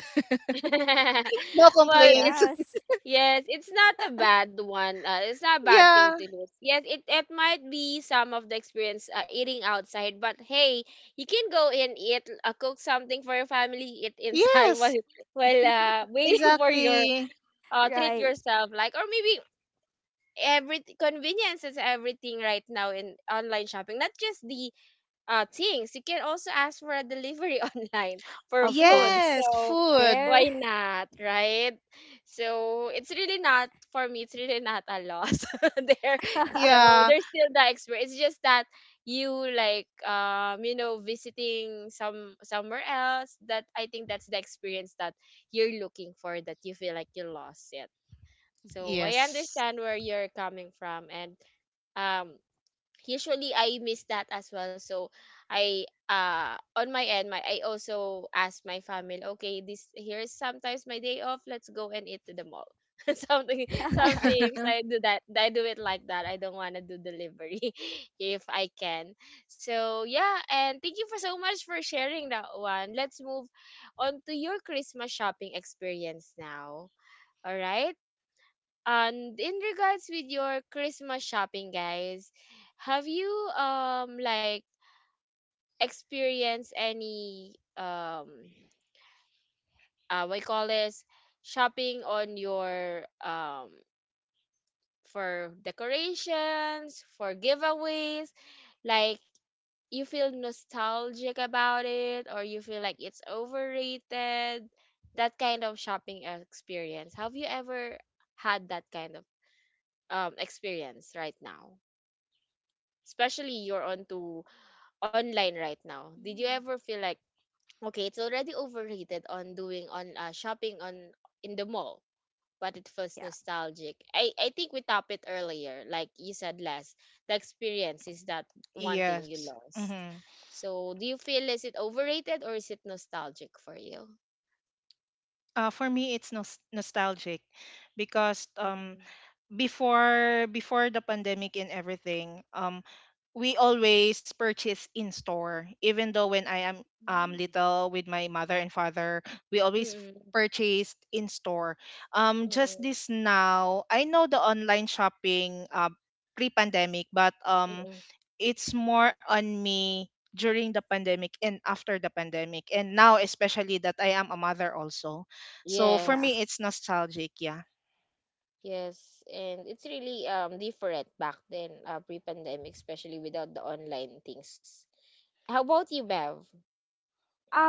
Speaker 2: No
Speaker 1: Well, it's
Speaker 2: complaints.
Speaker 3: Yes.
Speaker 1: yes, it's not a bad one. It's not a bad thing
Speaker 2: Yeah.
Speaker 1: to lose. Yes, it might be some of the experience eating outside, but hey, you can go and eat, cook something for your family, eat inside
Speaker 2: Yes.
Speaker 1: while waiting for your
Speaker 2: Exactly.
Speaker 1: treat
Speaker 3: Right.
Speaker 1: yourself. Like or maybe every convenience is everything right now in online shopping, not just the things. You can also ask for a delivery online for
Speaker 3: Of
Speaker 1: food,
Speaker 2: Yes.
Speaker 3: course.
Speaker 1: so
Speaker 2: Food.
Speaker 3: There.
Speaker 1: why not, right? So it's really not for me, it's really not a loss. There, so
Speaker 2: Yeah.
Speaker 1: there's still the experience, it's just that you like you know visiting some somewhere else. That I think that's the experience that you're looking for, that you feel like you lost it. So I
Speaker 2: Yes.
Speaker 1: understand where you're coming from, and um usually I miss that as well. So I on my end, my I also ask my family, okay, this, here's sometimes my day off, let's go and eat to the mall. Something, sometimes I do that, I do it like that. I don't wanna do delivery if I can. So yeah, and thank you for so much for sharing that one. Let's move on to your Christmas shopping experience now. All right. And in regards with your Christmas shopping, guys, have you like experienced any what you call this, shopping on your for decorations, for giveaways, like you feel nostalgic about it or you feel like it's overrated, that kind of shopping experience. Have you ever had that kind of experience right now? Especially you're onto online right now, did you
Speaker 3: Mm.
Speaker 1: ever feel like okay, it's already overrated on doing on shopping on in the mall, but it feels
Speaker 3: Yeah.
Speaker 1: nostalgic. I think we top it earlier, like you said last, the experience is that one thing you
Speaker 2: Yes.
Speaker 1: lost.
Speaker 2: Hmm.
Speaker 1: So do you feel, is it overrated or is it nostalgic for you?
Speaker 2: For me, it's nostalgic because
Speaker 1: Mm-mm.
Speaker 2: before the pandemic and everything, we always purchase in store. Even though when I am
Speaker 3: Mm.
Speaker 2: little with my mother and father, we always
Speaker 1: Mm-mm.
Speaker 2: purchased in store. Just
Speaker 1: Mm-mm.
Speaker 2: this now, I know the online shopping, pre-pandemic, but
Speaker 1: Mm-mm.
Speaker 2: it's more on me during the pandemic and after the pandemic, and now especially that I am a mother also. So for
Speaker 3: Yeah.
Speaker 2: me
Speaker 1: Yes.
Speaker 2: it's nostalgic, yeah.
Speaker 1: Yes, and it's really different back then, pre-pandemic, especially without the online things. How about you, Bev?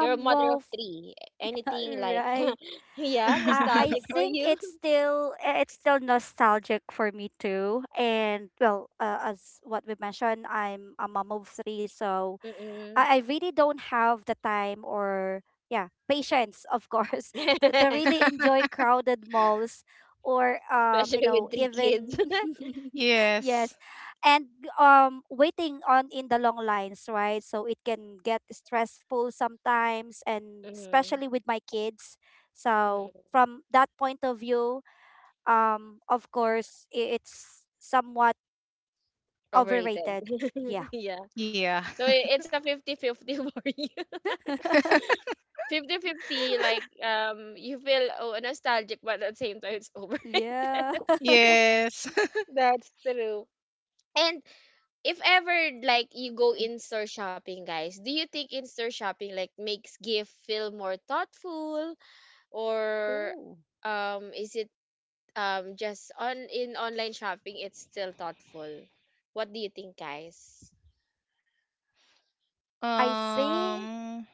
Speaker 1: You're a mother
Speaker 3: Well.
Speaker 1: of three. Anything like,
Speaker 3: Right.
Speaker 1: yeah,
Speaker 3: I
Speaker 1: nostalgic for
Speaker 3: think
Speaker 1: you?
Speaker 3: it's still nostalgic for me too. And well, as what we mentioned, I'm a mom of three, so
Speaker 1: Mm-mm.
Speaker 3: I really don't have the time or, yeah, patience, of course, to really enjoy crowded malls, or
Speaker 1: Especially with three
Speaker 3: even.
Speaker 1: kids.
Speaker 2: Yes.
Speaker 3: Yes. And waiting on in the long lines, right, so it can get stressful sometimes, and
Speaker 1: Mm-mm.
Speaker 3: especially with my kids. So
Speaker 1: Mm-mm.
Speaker 3: from that point of view, of course, it's somewhat
Speaker 1: Overrated.
Speaker 3: overrated. Yeah.
Speaker 1: Yeah.
Speaker 2: Yeah.
Speaker 1: So I- it's a 50-50 for you. 50-50 like you feel, oh, nostalgic, but at the same time it's overrated.
Speaker 3: Yeah.
Speaker 2: Yes.
Speaker 1: That's true. And if ever like you go in store shopping, guys, do you think in store shopping like makes gift feel more thoughtful, or
Speaker 3: Oh.
Speaker 1: is it just on in online shopping, it's still thoughtful? What do you think, guys?
Speaker 3: I think
Speaker 2: Um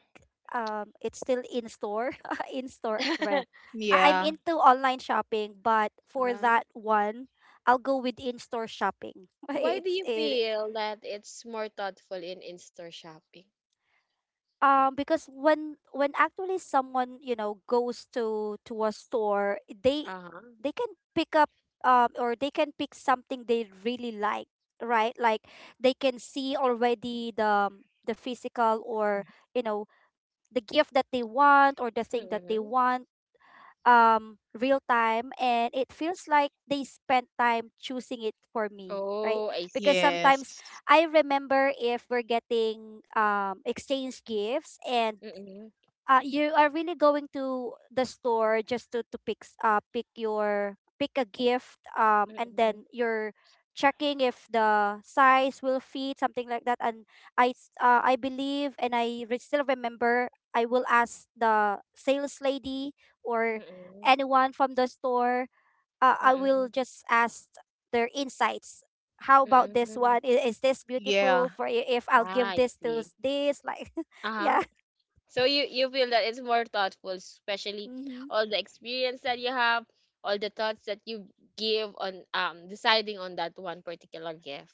Speaker 3: it's still in store. In store. Well,
Speaker 1: uh,
Speaker 3: I'm
Speaker 2: yeah,
Speaker 3: into online shopping, but for that one, I'll go with in-store shopping.
Speaker 1: why do
Speaker 3: It's
Speaker 1: you
Speaker 3: it
Speaker 1: feel that it's more thoughtful in store shopping?
Speaker 3: Because when actually someone, you know, goes to a store, they
Speaker 1: Uh-huh.
Speaker 3: they can pick up, or they can pick something they really like, right? Like, they can see already the physical, or you know the gift that they want, or the thing that they
Speaker 1: Mm-hmm.
Speaker 3: want real time, and it feels like they spent time choosing it for me, right?
Speaker 1: Oh, I
Speaker 3: Because
Speaker 1: see.
Speaker 3: sometimes,
Speaker 2: yes.
Speaker 3: I remember if we're getting, exchange gifts, and
Speaker 1: Mm-hmm.
Speaker 3: you are really going to the store just to pick s- pick your pick a gift, and
Speaker 1: Mm-hmm.
Speaker 3: then you're checking if the size will fit, something like that. And I believe, and I still remember, I will ask the sales lady, or
Speaker 1: Mm-hmm.
Speaker 3: anyone from the store, I
Speaker 1: Mm-hmm.
Speaker 3: will just ask their insights: how about this
Speaker 1: Mm-hmm.
Speaker 3: one, is this
Speaker 2: Yeah.
Speaker 3: beautiful for you? If I'll
Speaker 1: Ah,
Speaker 3: give
Speaker 1: I
Speaker 3: this
Speaker 1: see.
Speaker 3: this, like.
Speaker 1: Uh-huh.
Speaker 3: Yeah.
Speaker 1: So you feel that it's more thoughtful, especially
Speaker 3: Hmm.
Speaker 1: all the experience that you have, all the thoughts that you give on deciding on that one particular gift.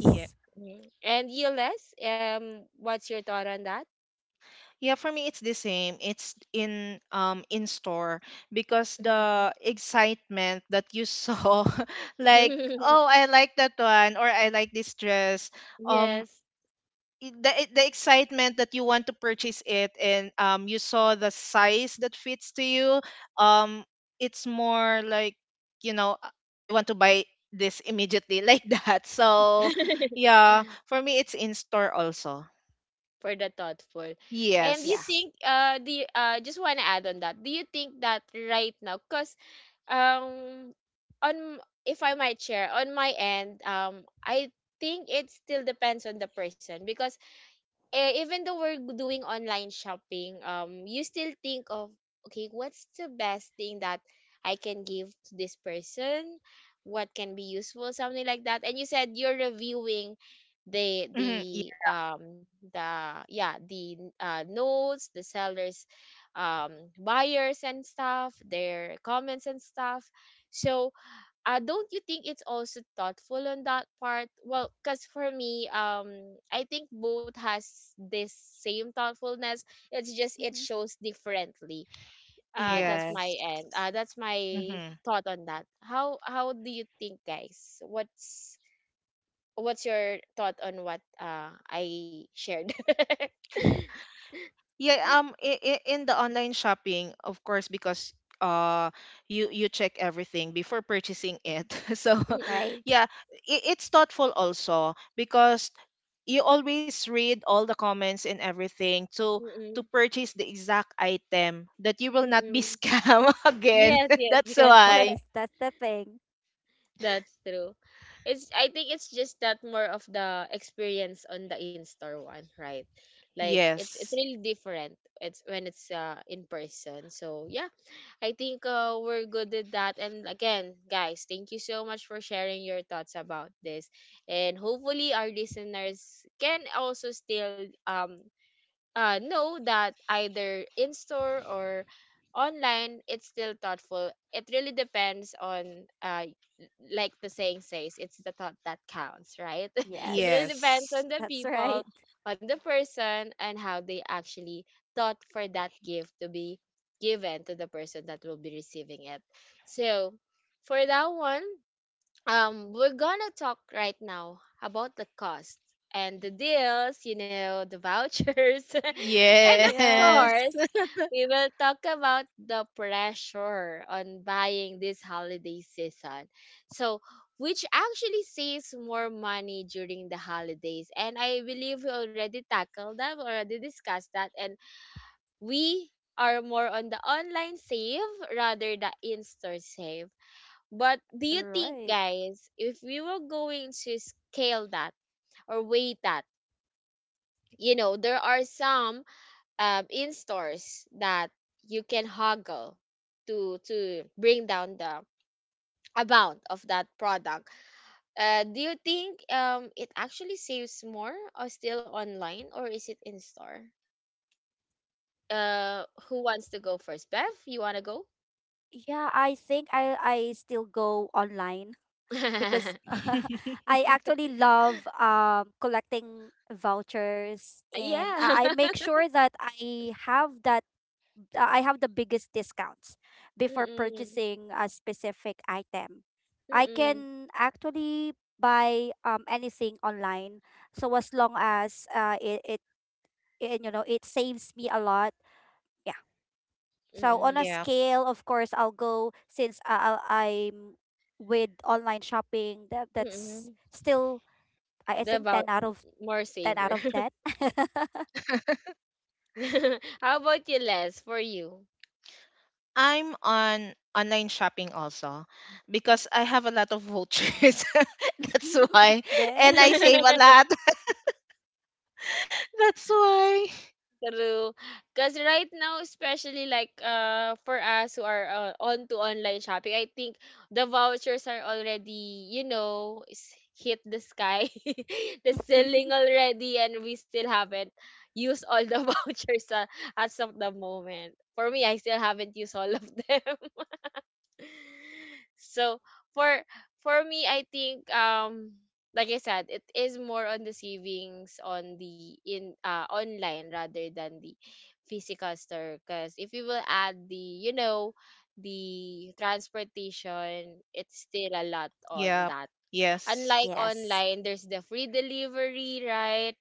Speaker 2: Yeah.
Speaker 1: Mhm. And you, Les, what's your thought on that?
Speaker 2: Yeah, for me it's the same. It's in store because
Speaker 1: Mhm.
Speaker 2: the excitement that you saw, like, oh I like that one or I like this dress, um
Speaker 1: Yes.
Speaker 2: the excitement that you want to purchase it, and you saw the size that fits to you, um it's more like, you know, I want to buy this immediately like that. So yeah, for me it's in store also.
Speaker 1: For the thoughtful. And you
Speaker 3: Yeah.
Speaker 2: Yes.
Speaker 1: think the just want to add on that. Do you think that right now cuz um on if I might share on my end, I think it still depends on the person because even though we're doing online shopping, you still think of okay, what's the best thing that I can give to this person? What can be useful, something like that. And you said you're reviewing the
Speaker 2: Mhm.
Speaker 1: the um the yeah the notes, the sellers, um buyers and stuff, their comments and stuff. So don't you think it's also thoughtful on that part? Well, because for me, I think both has this same thoughtfulness. It's just it
Speaker 3: Mm-hmm.
Speaker 1: shows differently. That's
Speaker 3: Yes.
Speaker 2: Yes.
Speaker 1: my end. That's my
Speaker 2: Mm-hmm.
Speaker 1: thought on that. How do you think, guys? What's your thought on what I shared?
Speaker 2: Yeah, I in the online shopping, of course, because uh you you check everything before purchasing it. So
Speaker 1: Mm-mm,
Speaker 3: Right?
Speaker 2: yeah, I it's thoughtful also because you always read all the comments and everything to
Speaker 1: mm-mm,
Speaker 2: purchase the exact item that you will not be
Speaker 1: mm-mm.
Speaker 2: scam again.
Speaker 1: Yes, yes,
Speaker 2: That's
Speaker 1: yes.
Speaker 3: Of
Speaker 2: why.
Speaker 3: course. That's the thing.
Speaker 1: That's true. It's I think it's just that more of the experience on the in-store one, right? Like it's
Speaker 2: Yes.
Speaker 1: really different. It's when it's in person. So yeah, I think we're good at that. And again, guys, thank you so much for sharing your thoughts about this. And hopefully our listeners can also still know that either in store or online, it's still thoughtful. It really depends on, l- like the saying says, it's the thought that counts, right? It really
Speaker 3: Yes.
Speaker 1: depends
Speaker 2: Yes.
Speaker 1: on the
Speaker 3: That's
Speaker 1: people,
Speaker 3: right.
Speaker 1: on the person, and how they actually thought for that gift to be given to the person that will be receiving it. So, for that one, we're gonna talk right now about the cost and the deals, you know, the vouchers and of
Speaker 2: Yes.
Speaker 1: course
Speaker 3: Yes.
Speaker 1: we will talk about the pressure on buying this holiday season. So which actually saves more money during the holidays? And I believe we already tackled that, we already discussed that, and we are more on the online save rather the in-store save. But do you think,
Speaker 3: Right.
Speaker 1: guys, if we were going to scale that or weigh that, you know, there are some in stores that you can haggle to bring down the amount of that product. Do you think it actually saves more or still online or is it in store? Who wants to go first? Bev, you wanna go?
Speaker 3: Yeah, I think I still go online because I actually love collecting vouchers and
Speaker 1: Yeah.
Speaker 3: I make sure that I have the biggest discounts before
Speaker 1: Mm-mm.
Speaker 3: purchasing a specific item. I
Speaker 1: Mm-mm.
Speaker 3: can actually buy anything online. So as long as it it saves me a lot. Yeah. So on a
Speaker 1: Mm-mm.
Speaker 2: Yeah.
Speaker 3: scale, of course, I'll go since I'm with online shopping. That's
Speaker 1: Mm-mm.
Speaker 3: still I
Speaker 1: The
Speaker 3: think
Speaker 1: about more
Speaker 3: ten out
Speaker 1: savor.
Speaker 3: of ten.
Speaker 1: How about you, Les? For you.
Speaker 2: I'm on online shopping also because I have a lot of vouchers. That's why. And
Speaker 3: There.
Speaker 2: I save a lot. That's why.
Speaker 1: True. Because right now, especially like for us who are on to online shopping, I think the vouchers are already, hit the sky, the ceiling already, and we still haven't used all the vouchers as of the moment. For me, I still haven't used all of them. So for for me I think like I said, it is more on the savings on the in online rather than the physical store because if you will add the you know the transportation, it's still a lot on
Speaker 2: Yep.
Speaker 1: that.
Speaker 2: Yes.
Speaker 1: Unlike
Speaker 3: Yes.
Speaker 1: online, there's the free delivery, right?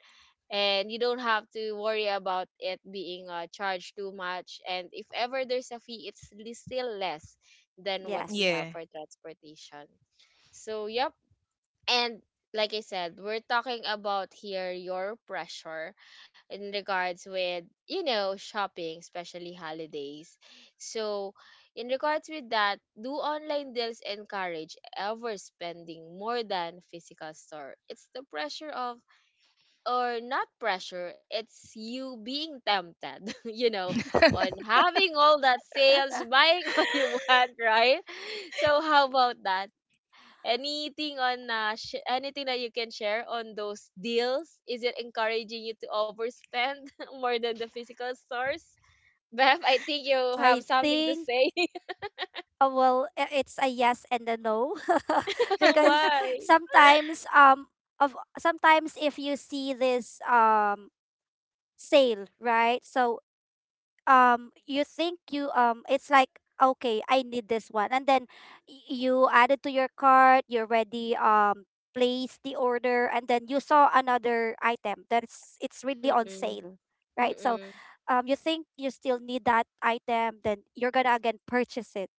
Speaker 1: And you don't have to worry about it being charged too much, and if ever there's a fee, it's still less than what we
Speaker 3: Yes.
Speaker 1: have
Speaker 2: Yeah.
Speaker 1: for transportation. So, yep. And like I said, we're talking about here your pressure in regards with, shopping, especially holidays. So, in regards with that, do online deals encourage ever spending more than physical store? It's the pressure of, or not pressure, it's you being tempted, on having all that sales, buying all you want, right? So, how about that? Anything on anything that you can share on those deals? Is it encouraging you to overspend more than the physical stores? Beth, I think you have
Speaker 3: I
Speaker 1: something to
Speaker 3: think,
Speaker 1: say.
Speaker 3: well, it's a yes and a no. Because
Speaker 1: Why?
Speaker 3: sometimes um sometimes if you see this sale, right? So you think you it's like, okay, I need this one. And then you add it to your cart, you already place the order, and then you saw another item that's it's really on
Speaker 1: Mm-mm.
Speaker 3: sale, right? So
Speaker 1: Mm-mm.
Speaker 3: you think you still need that item, then you're gonna again purchase it,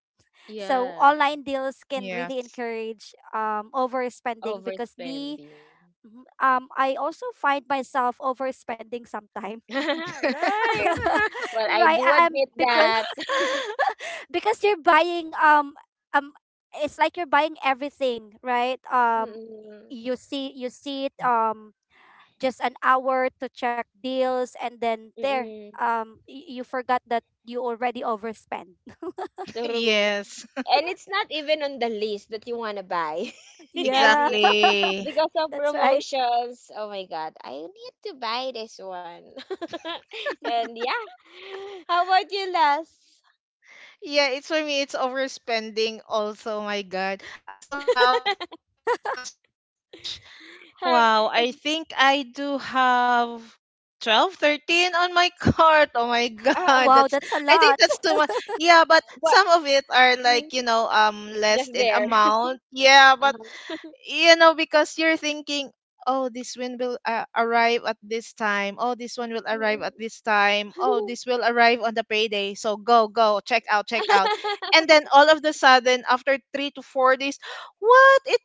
Speaker 3: so
Speaker 1: Yeah,
Speaker 3: online deals can really
Speaker 2: Yes.
Speaker 3: encourage overspending because me,
Speaker 1: overspending.
Speaker 3: mhm, I also find myself overspending sometime,
Speaker 1: Right. Well, I
Speaker 3: right?
Speaker 1: do
Speaker 3: I'm
Speaker 1: admit that.
Speaker 3: because you're buying um, it's like you're buying everything, right?
Speaker 1: Mm-mm.
Speaker 3: You see it just an hour to check deals, and then there
Speaker 1: Mm-mm.
Speaker 3: you forgot that you already overspent.
Speaker 1: True.
Speaker 2: Yes.
Speaker 1: And it's not even on the list that you want to buy. and
Speaker 3: Yeah.
Speaker 1: you,
Speaker 2: Exactly.
Speaker 1: Because of
Speaker 3: That's right.
Speaker 1: promotions. Oh my god, I need to buy this one. And yeah. How about you, Las?
Speaker 2: Yeah, it's— for me, it's overspending also, my God. As of now, because of the Christmas rush,
Speaker 1: How
Speaker 2: wow, I
Speaker 1: it's
Speaker 2: think I do have 12, 13 on my cart. Oh my
Speaker 1: uh,
Speaker 2: god,
Speaker 3: Wow,
Speaker 2: that's—
Speaker 3: that's a
Speaker 2: I think
Speaker 3: lot.
Speaker 2: that's too much. Yeah, but
Speaker 1: what
Speaker 2: some of it are
Speaker 1: mm,
Speaker 2: like, you know, less
Speaker 1: just
Speaker 2: in
Speaker 1: there.
Speaker 2: amount. Yeah, but
Speaker 1: Uh-huh.
Speaker 2: you know because you're thinking, oh this one will arrive at this time, oh this one will
Speaker 1: Mm,
Speaker 2: arrive
Speaker 1: mm.
Speaker 2: at this time, oh this will arrive on the payday, so go go check out, check out, and then all of the sudden after 3 to 4 days, what it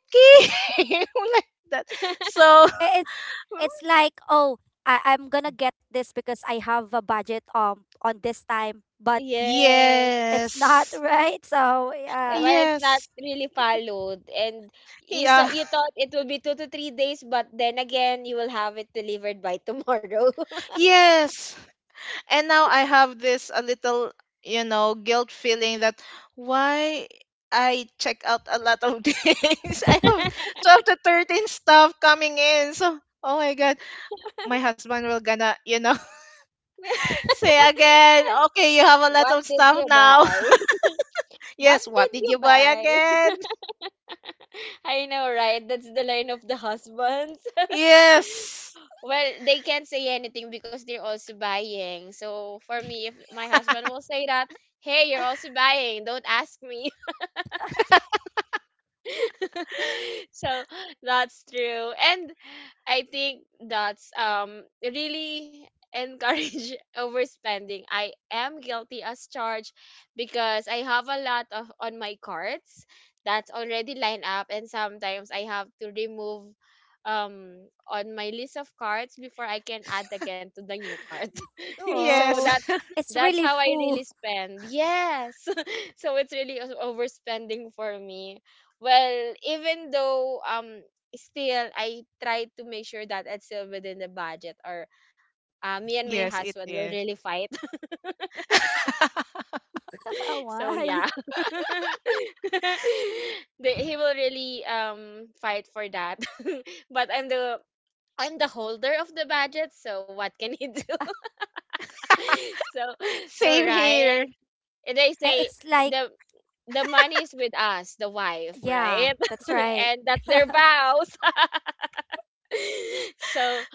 Speaker 2: came like that, so
Speaker 3: I- it's it's like, oh, I'm gonna get this because I have a budget on this time, but
Speaker 1: Yes.
Speaker 3: it's not,
Speaker 2: yes.
Speaker 3: right, so yeah.
Speaker 1: Well, it's not
Speaker 2: Yes.
Speaker 1: really followed. And
Speaker 2: Yeah.
Speaker 1: you thought it will be 2 to 3 days, but then again, you will have it delivered by tomorrow.
Speaker 2: Yes. And now I have this a little, you know, guilt feeling that why I check out a lot of things. I have 12 to 13 stuff coming in. So oh my god, my husband will gonna, you know, say again, okay, you have a lot
Speaker 1: What
Speaker 2: of
Speaker 1: did
Speaker 2: stuff
Speaker 1: you
Speaker 2: now.
Speaker 1: buy? What
Speaker 2: Yes, what
Speaker 1: did
Speaker 2: did
Speaker 1: you
Speaker 2: you buy
Speaker 1: buy?
Speaker 2: again?
Speaker 1: I know, right? That's the line of the husbands.
Speaker 2: Yes.
Speaker 1: Well, they can't say anything because they're also buying. So for me, if my husband will say that, hey, you're also buying, don't ask me. So that's true. And I think that's really encourage overspending. I am guilty as charged because I have a lot of on my cards that's already lined up, and sometimes I have to remove um on my list of cards before I can add again to the new card. So
Speaker 2: Yes.
Speaker 3: Oh, it's
Speaker 1: that's
Speaker 3: really
Speaker 1: how I
Speaker 3: full.
Speaker 1: really spend. Yes. So it's really overspending for me. Well, even though still I try to make sure that it's still within the budget, or me and my
Speaker 2: Yes, it
Speaker 1: husband will
Speaker 2: is.
Speaker 1: really fight. So
Speaker 3: Why?
Speaker 1: yeah. He will really fight for that. But I'm the holder of the budget, so what can he do? So
Speaker 2: Same
Speaker 1: right.
Speaker 2: here.
Speaker 1: And they say
Speaker 3: It's like,
Speaker 1: the the money is with us, the wife,
Speaker 3: yeah,
Speaker 1: right?
Speaker 3: that's right.
Speaker 1: And that's their vows. so,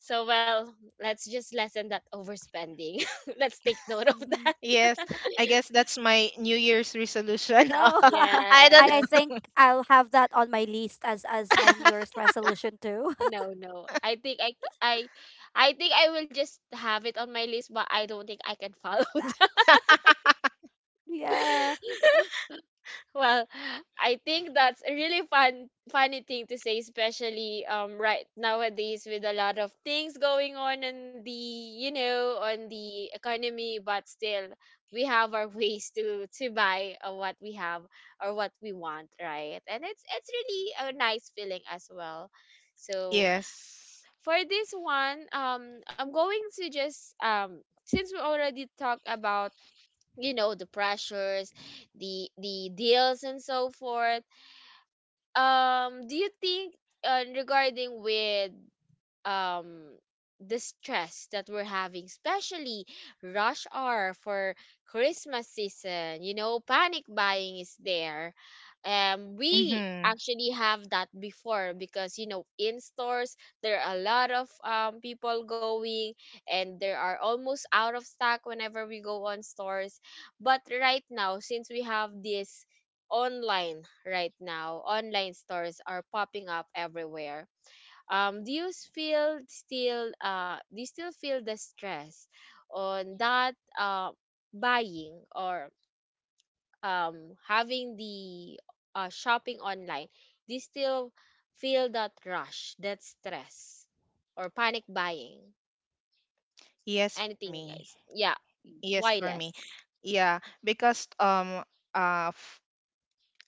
Speaker 1: well, let's just lessen that overspending. Let's take note of
Speaker 3: Hmm,
Speaker 1: that.
Speaker 2: Yes. I guess that's my New Year's resolution.
Speaker 3: so. I,
Speaker 2: I don't
Speaker 3: I
Speaker 1: Yeah.
Speaker 2: know.
Speaker 3: think I'll have that on my list as my New Year's resolution, too.
Speaker 1: No, no. I think I will just have it on my list, but I don't think I can follow
Speaker 3: Yeah.
Speaker 1: that. Well, I think that's a really funny thing to say, especially right nowadays with a lot of things going on in the you know on the economy, but still we have our ways to buy what we have or what we want, right? And it's really a nice feeling as well. So
Speaker 2: Yes.
Speaker 1: for this one, I'm going to just since we already talked about the pressures, the deals, and so forth, do you think regarding with um the stress that we're having, especially rush hour for Christmas season. You know, panic buying is there. We
Speaker 2: Mm-hmm.
Speaker 1: actually have that before because in stores there are a lot of people going and there are almost out of stock whenever we go on stores. But right now, since we have this online right now, online stores are popping up everywhere. Do you feel still do you still feel the stress on that buying or having the shopping online? Do you still feel that rush, that stress, or panic buying,
Speaker 2: Yes, for
Speaker 1: anything,
Speaker 2: me.
Speaker 1: guys? Yeah?
Speaker 3: Mm.
Speaker 2: Yes,
Speaker 1: Why,
Speaker 2: for me.
Speaker 1: less?
Speaker 2: Yeah, because f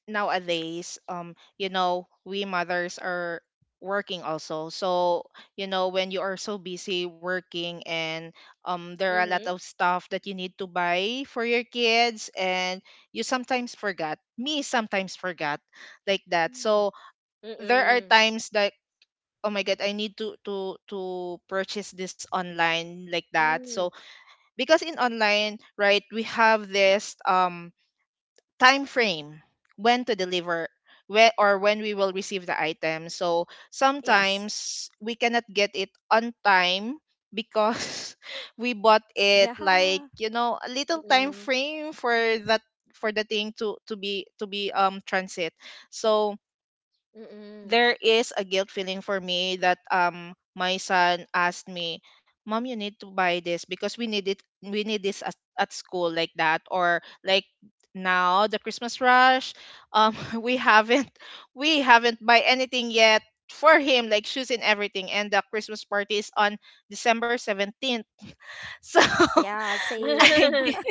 Speaker 2: nowadays, you know we mothers are working also. So, you know, when you are so busy working and there are a lot
Speaker 1: Mm-hmm.
Speaker 2: of stuff that you need to buy for your kids and you sometimes forgot. Me sometimes forgot like that.
Speaker 3: Mm,
Speaker 2: So, there are
Speaker 1: Mm-mm.
Speaker 2: times like, oh my god, I need to purchase this online like that. So,
Speaker 1: Mm-mm.
Speaker 2: because in online, right, we have this time frame when to deliver, when or when we will receive the item. So
Speaker 3: yes,
Speaker 2: sometimes we cannot get it on time because we bought it
Speaker 3: yeah,
Speaker 2: like, you know, a little time
Speaker 1: Mm-mm.
Speaker 2: frame for that, for the thing to be transit. So
Speaker 1: Mm-mm.
Speaker 2: there is a guilt feeling for me that my son asked me, mom you need to buy this because we need it, we need this at school like that. Or like, now the Christmas rush, um we haven't we haven't buy anything yet for him, like shoes and everything, and the Christmas party is on December 17th, so
Speaker 3: yeah, same,
Speaker 2: I g-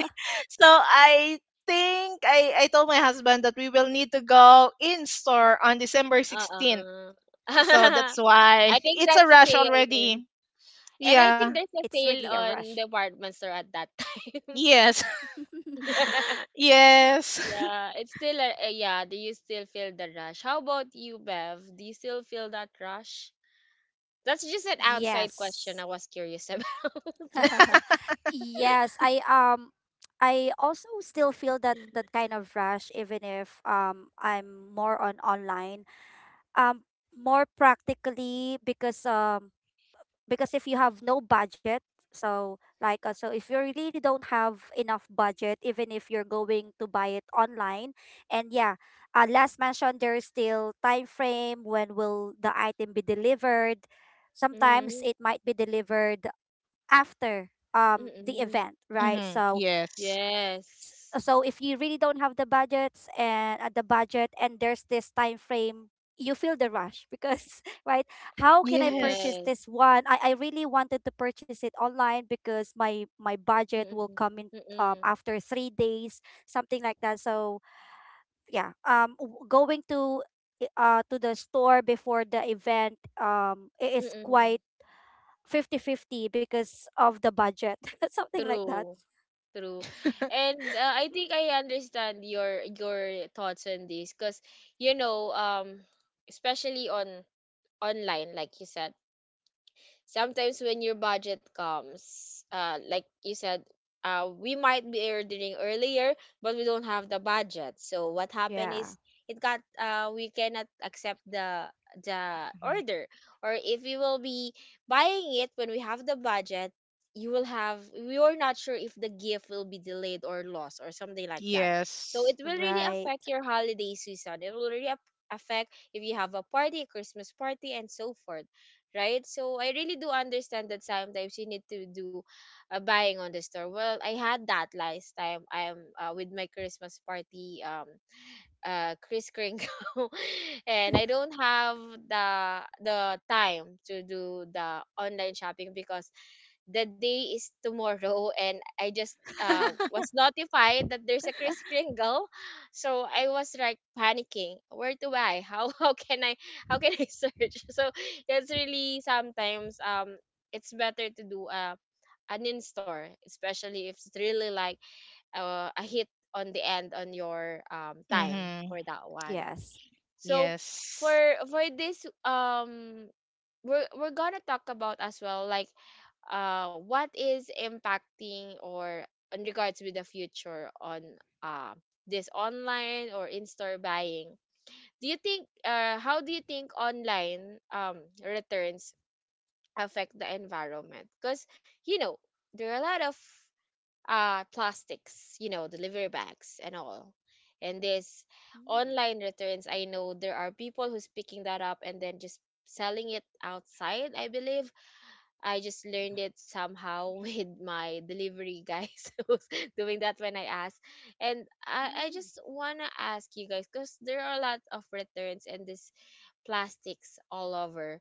Speaker 2: so I think I told my husband that we will need to go in store on December 16th,
Speaker 1: Uh-uh.
Speaker 2: so that's why
Speaker 1: I think
Speaker 2: it's a
Speaker 1: that's
Speaker 2: rush
Speaker 1: sale.
Speaker 2: already.
Speaker 1: And I
Speaker 2: Yeah.
Speaker 1: think there's
Speaker 3: it's
Speaker 1: a
Speaker 3: really a
Speaker 1: sale
Speaker 3: rush.
Speaker 1: on department store at that time.
Speaker 2: Yes. Yes.
Speaker 1: Yeah, it's still yeah. Do you still feel the rush? How about you, Bev? Do you still feel that rush? That's just an outside question
Speaker 3: Yes.
Speaker 1: I was curious about.
Speaker 3: Yes, I also still feel that kind of rush, even if I'm more on online. Um More practically, because if you have no budget, so so if you really don't have enough budget even if you're going to buy it online. And yeah, last mentioned, there is still time frame when will the item be delivered. Sometimes
Speaker 1: Mm-mm.
Speaker 3: it might be delivered after the
Speaker 1: Mm-mm.
Speaker 3: event, right?
Speaker 2: Hmm.
Speaker 3: So
Speaker 2: Yes.
Speaker 3: s-
Speaker 1: Yes.
Speaker 3: so if you really don't have the budgets and, the budget, and there's this time frame, you feel the rush, because, right, how can I
Speaker 2: Yes.
Speaker 3: purchase
Speaker 1: Yes.
Speaker 3: this one? I really wanted to purchase it online because my budget will
Speaker 1: Mm-mm.
Speaker 3: come in,
Speaker 1: Mm-mm.
Speaker 3: after 3 days, something like that, so yeah. Going to the store before the event is
Speaker 1: Mm-mm.
Speaker 3: quite 50/50 because of the budget, something like that.
Speaker 1: True. True. And I think I understand your thoughts on this because you know um especially on online, like you said, sometimes when your budget comes, like you said, we might be ordering earlier, but we don't have the budget. So what happened
Speaker 3: Yeah.
Speaker 1: is it got we cannot accept the
Speaker 2: Mhm.
Speaker 1: order, or if we will be buying it when we have the budget. We are not sure if the gift will be delayed or lost or something like that. So
Speaker 2: Yes.
Speaker 1: it will really
Speaker 3: Right.
Speaker 1: affect your holiday season. It will really affect if you have a party, a Christmas party, and so forth, right? So I really do understand that sometimes you need to do buying on the store. Well, I had that last time I'm with my Christmas party Kris Kringle and I don't have the the time to do the online shopping because the day is tomorrow, and I just
Speaker 3: Mm.
Speaker 1: was notified that there's a Kris Kringle. So I was like panicking. Where to buy? How how can I search? So it's really sometimes it's better to do a an in store, especially if it's really like a hit on the end on your time
Speaker 2: Hmm.
Speaker 1: for that one.
Speaker 3: Yes.
Speaker 1: So
Speaker 2: Yes.
Speaker 1: for for this we're gonna talk about as well, like what is impacting or in regards with the future on uh this online or in-store buying. Do you think, how do you think online returns affect the environment? Because you know there are a lot of plastics, delivery bags and all. And this
Speaker 3: Mm.
Speaker 1: online returns, I know there are people who's picking that up and then just selling it outside, I believe. I just learned it somehow with my delivery guys who's doing that when I asked. And I
Speaker 3: Mm.
Speaker 1: just want to ask you guys because there are a lot of returns and this plastics all over.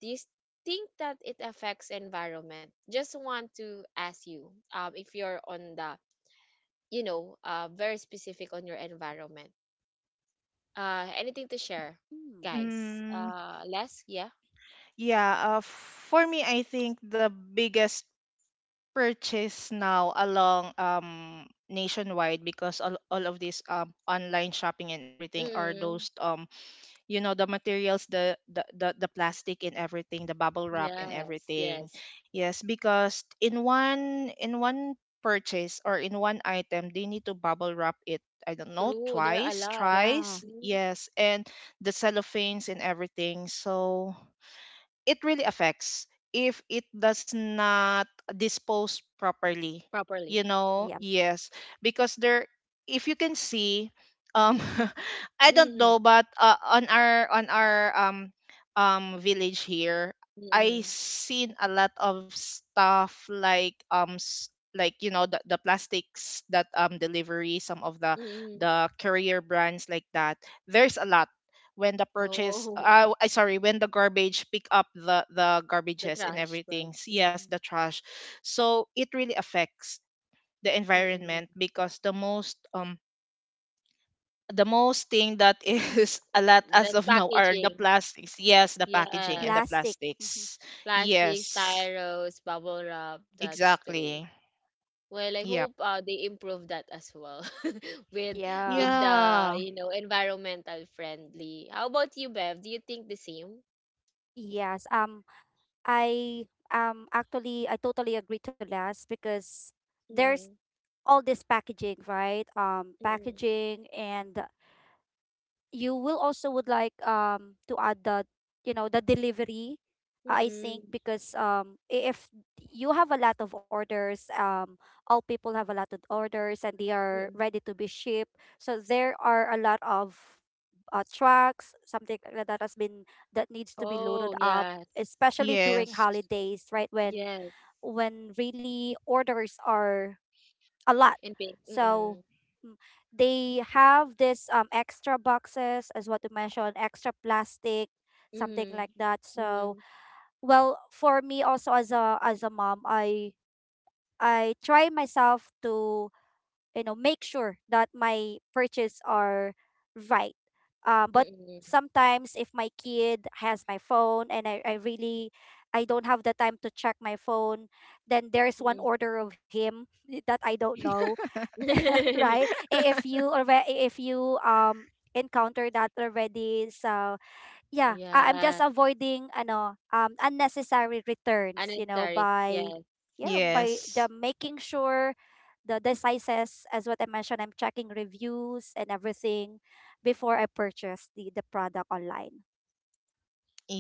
Speaker 1: Do you think that it affects environment? Just want to ask you if you're on the, very specific on your environment. Anything to share,
Speaker 3: Mm.
Speaker 1: guys?
Speaker 2: Mm,
Speaker 1: Les? Yeah?
Speaker 2: yeah, for me, I think the biggest purchase now along nationwide, because all of these online shopping and everything are
Speaker 1: Mm.
Speaker 2: those you know the materials, the plastic and everything, the bubble wrap and
Speaker 1: Yes,
Speaker 2: everything.
Speaker 1: yes.
Speaker 2: Yes, because in one purchase or in one item, they need to bubble wrap it, I don't know,
Speaker 1: True, there are a
Speaker 2: twice,
Speaker 1: lot.
Speaker 3: Yeah.
Speaker 2: thrice.
Speaker 1: Mm.
Speaker 2: Yes, and the cellophanes and everything, so it really affects if it does not dispose properly,
Speaker 1: Properly.
Speaker 2: you know.
Speaker 3: Yeah.
Speaker 1: Mm-mm.
Speaker 2: Yes, because there, if you can see, um I don't
Speaker 1: Mm-mm.
Speaker 2: know, but on our village here, I
Speaker 1: Mm-mm.
Speaker 2: seen a lot of stuff like like you know the plastics that delivery, some of
Speaker 1: Mm-mm.
Speaker 2: the courier brands like that. There's a lot when the purchase,
Speaker 1: Oh,
Speaker 2: I sorry, when the garbage pick up the
Speaker 1: the
Speaker 2: garbages and
Speaker 1: trash, but
Speaker 2: everything. Yes, the trash. So it really affects the environment
Speaker 1: mm-mm.
Speaker 2: because the most thing that is a lot as
Speaker 1: That's
Speaker 2: of now are the
Speaker 1: packaging.
Speaker 2: plastics. Yes, the packaging and the
Speaker 1: Yes.
Speaker 3: Plastic. Hmm.
Speaker 2: plastics.
Speaker 1: Plastic,
Speaker 2: Yes,
Speaker 1: styros, bubble wrap, that's true.
Speaker 2: exactly.
Speaker 1: Well, I
Speaker 2: Yep.
Speaker 1: hope they improve that as well with
Speaker 3: Yeah.
Speaker 1: the
Speaker 2: Yeah.
Speaker 1: environmental friendly. How about you, Bev? Do you think the same?
Speaker 3: Yes. I I totally agree to last because there's
Speaker 1: Mm-mm.
Speaker 3: all this packaging, right? Um,
Speaker 1: Mm-mm.
Speaker 3: packaging, and you will also would like to add the delivery. I think
Speaker 1: Mm-mm.
Speaker 3: because if you have a lot of orders, all people have a lot of orders and they are
Speaker 1: Mm-mm.
Speaker 3: ready to be shipped. So there are a lot of trucks, something like that, that has been that needs to be loaded
Speaker 1: Oh,
Speaker 3: up,
Speaker 1: yes.
Speaker 3: especially during
Speaker 2: Yes.
Speaker 3: holidays, right? When
Speaker 1: Yes,
Speaker 3: when really orders are a lot.
Speaker 1: in pink.
Speaker 3: So,
Speaker 1: Mm-mm.
Speaker 3: mm, they have this extra boxes as what you mentioned, extra plastic, something
Speaker 1: Mm.
Speaker 3: like that. So,
Speaker 1: Mm.
Speaker 3: well, for me also, as a mom, I try myself to, you know, make sure that my purchase are right. But
Speaker 1: Mm-mm.
Speaker 3: sometimes if my kid has my phone, and I don't have the time to check my phone, then there's one
Speaker 1: Mm.
Speaker 3: order of him that I don't know, right? If you already, if you encounter that already, so yeah, I'm just
Speaker 1: Yeah,
Speaker 3: avoiding ano unnecessary returns, you know,
Speaker 1: unnecessary.
Speaker 3: by
Speaker 1: Yes.
Speaker 3: yeah by the
Speaker 2: Yes.
Speaker 3: making sure the sizes as what I mentioned. I'm checking reviews and everything before I purchase the product online.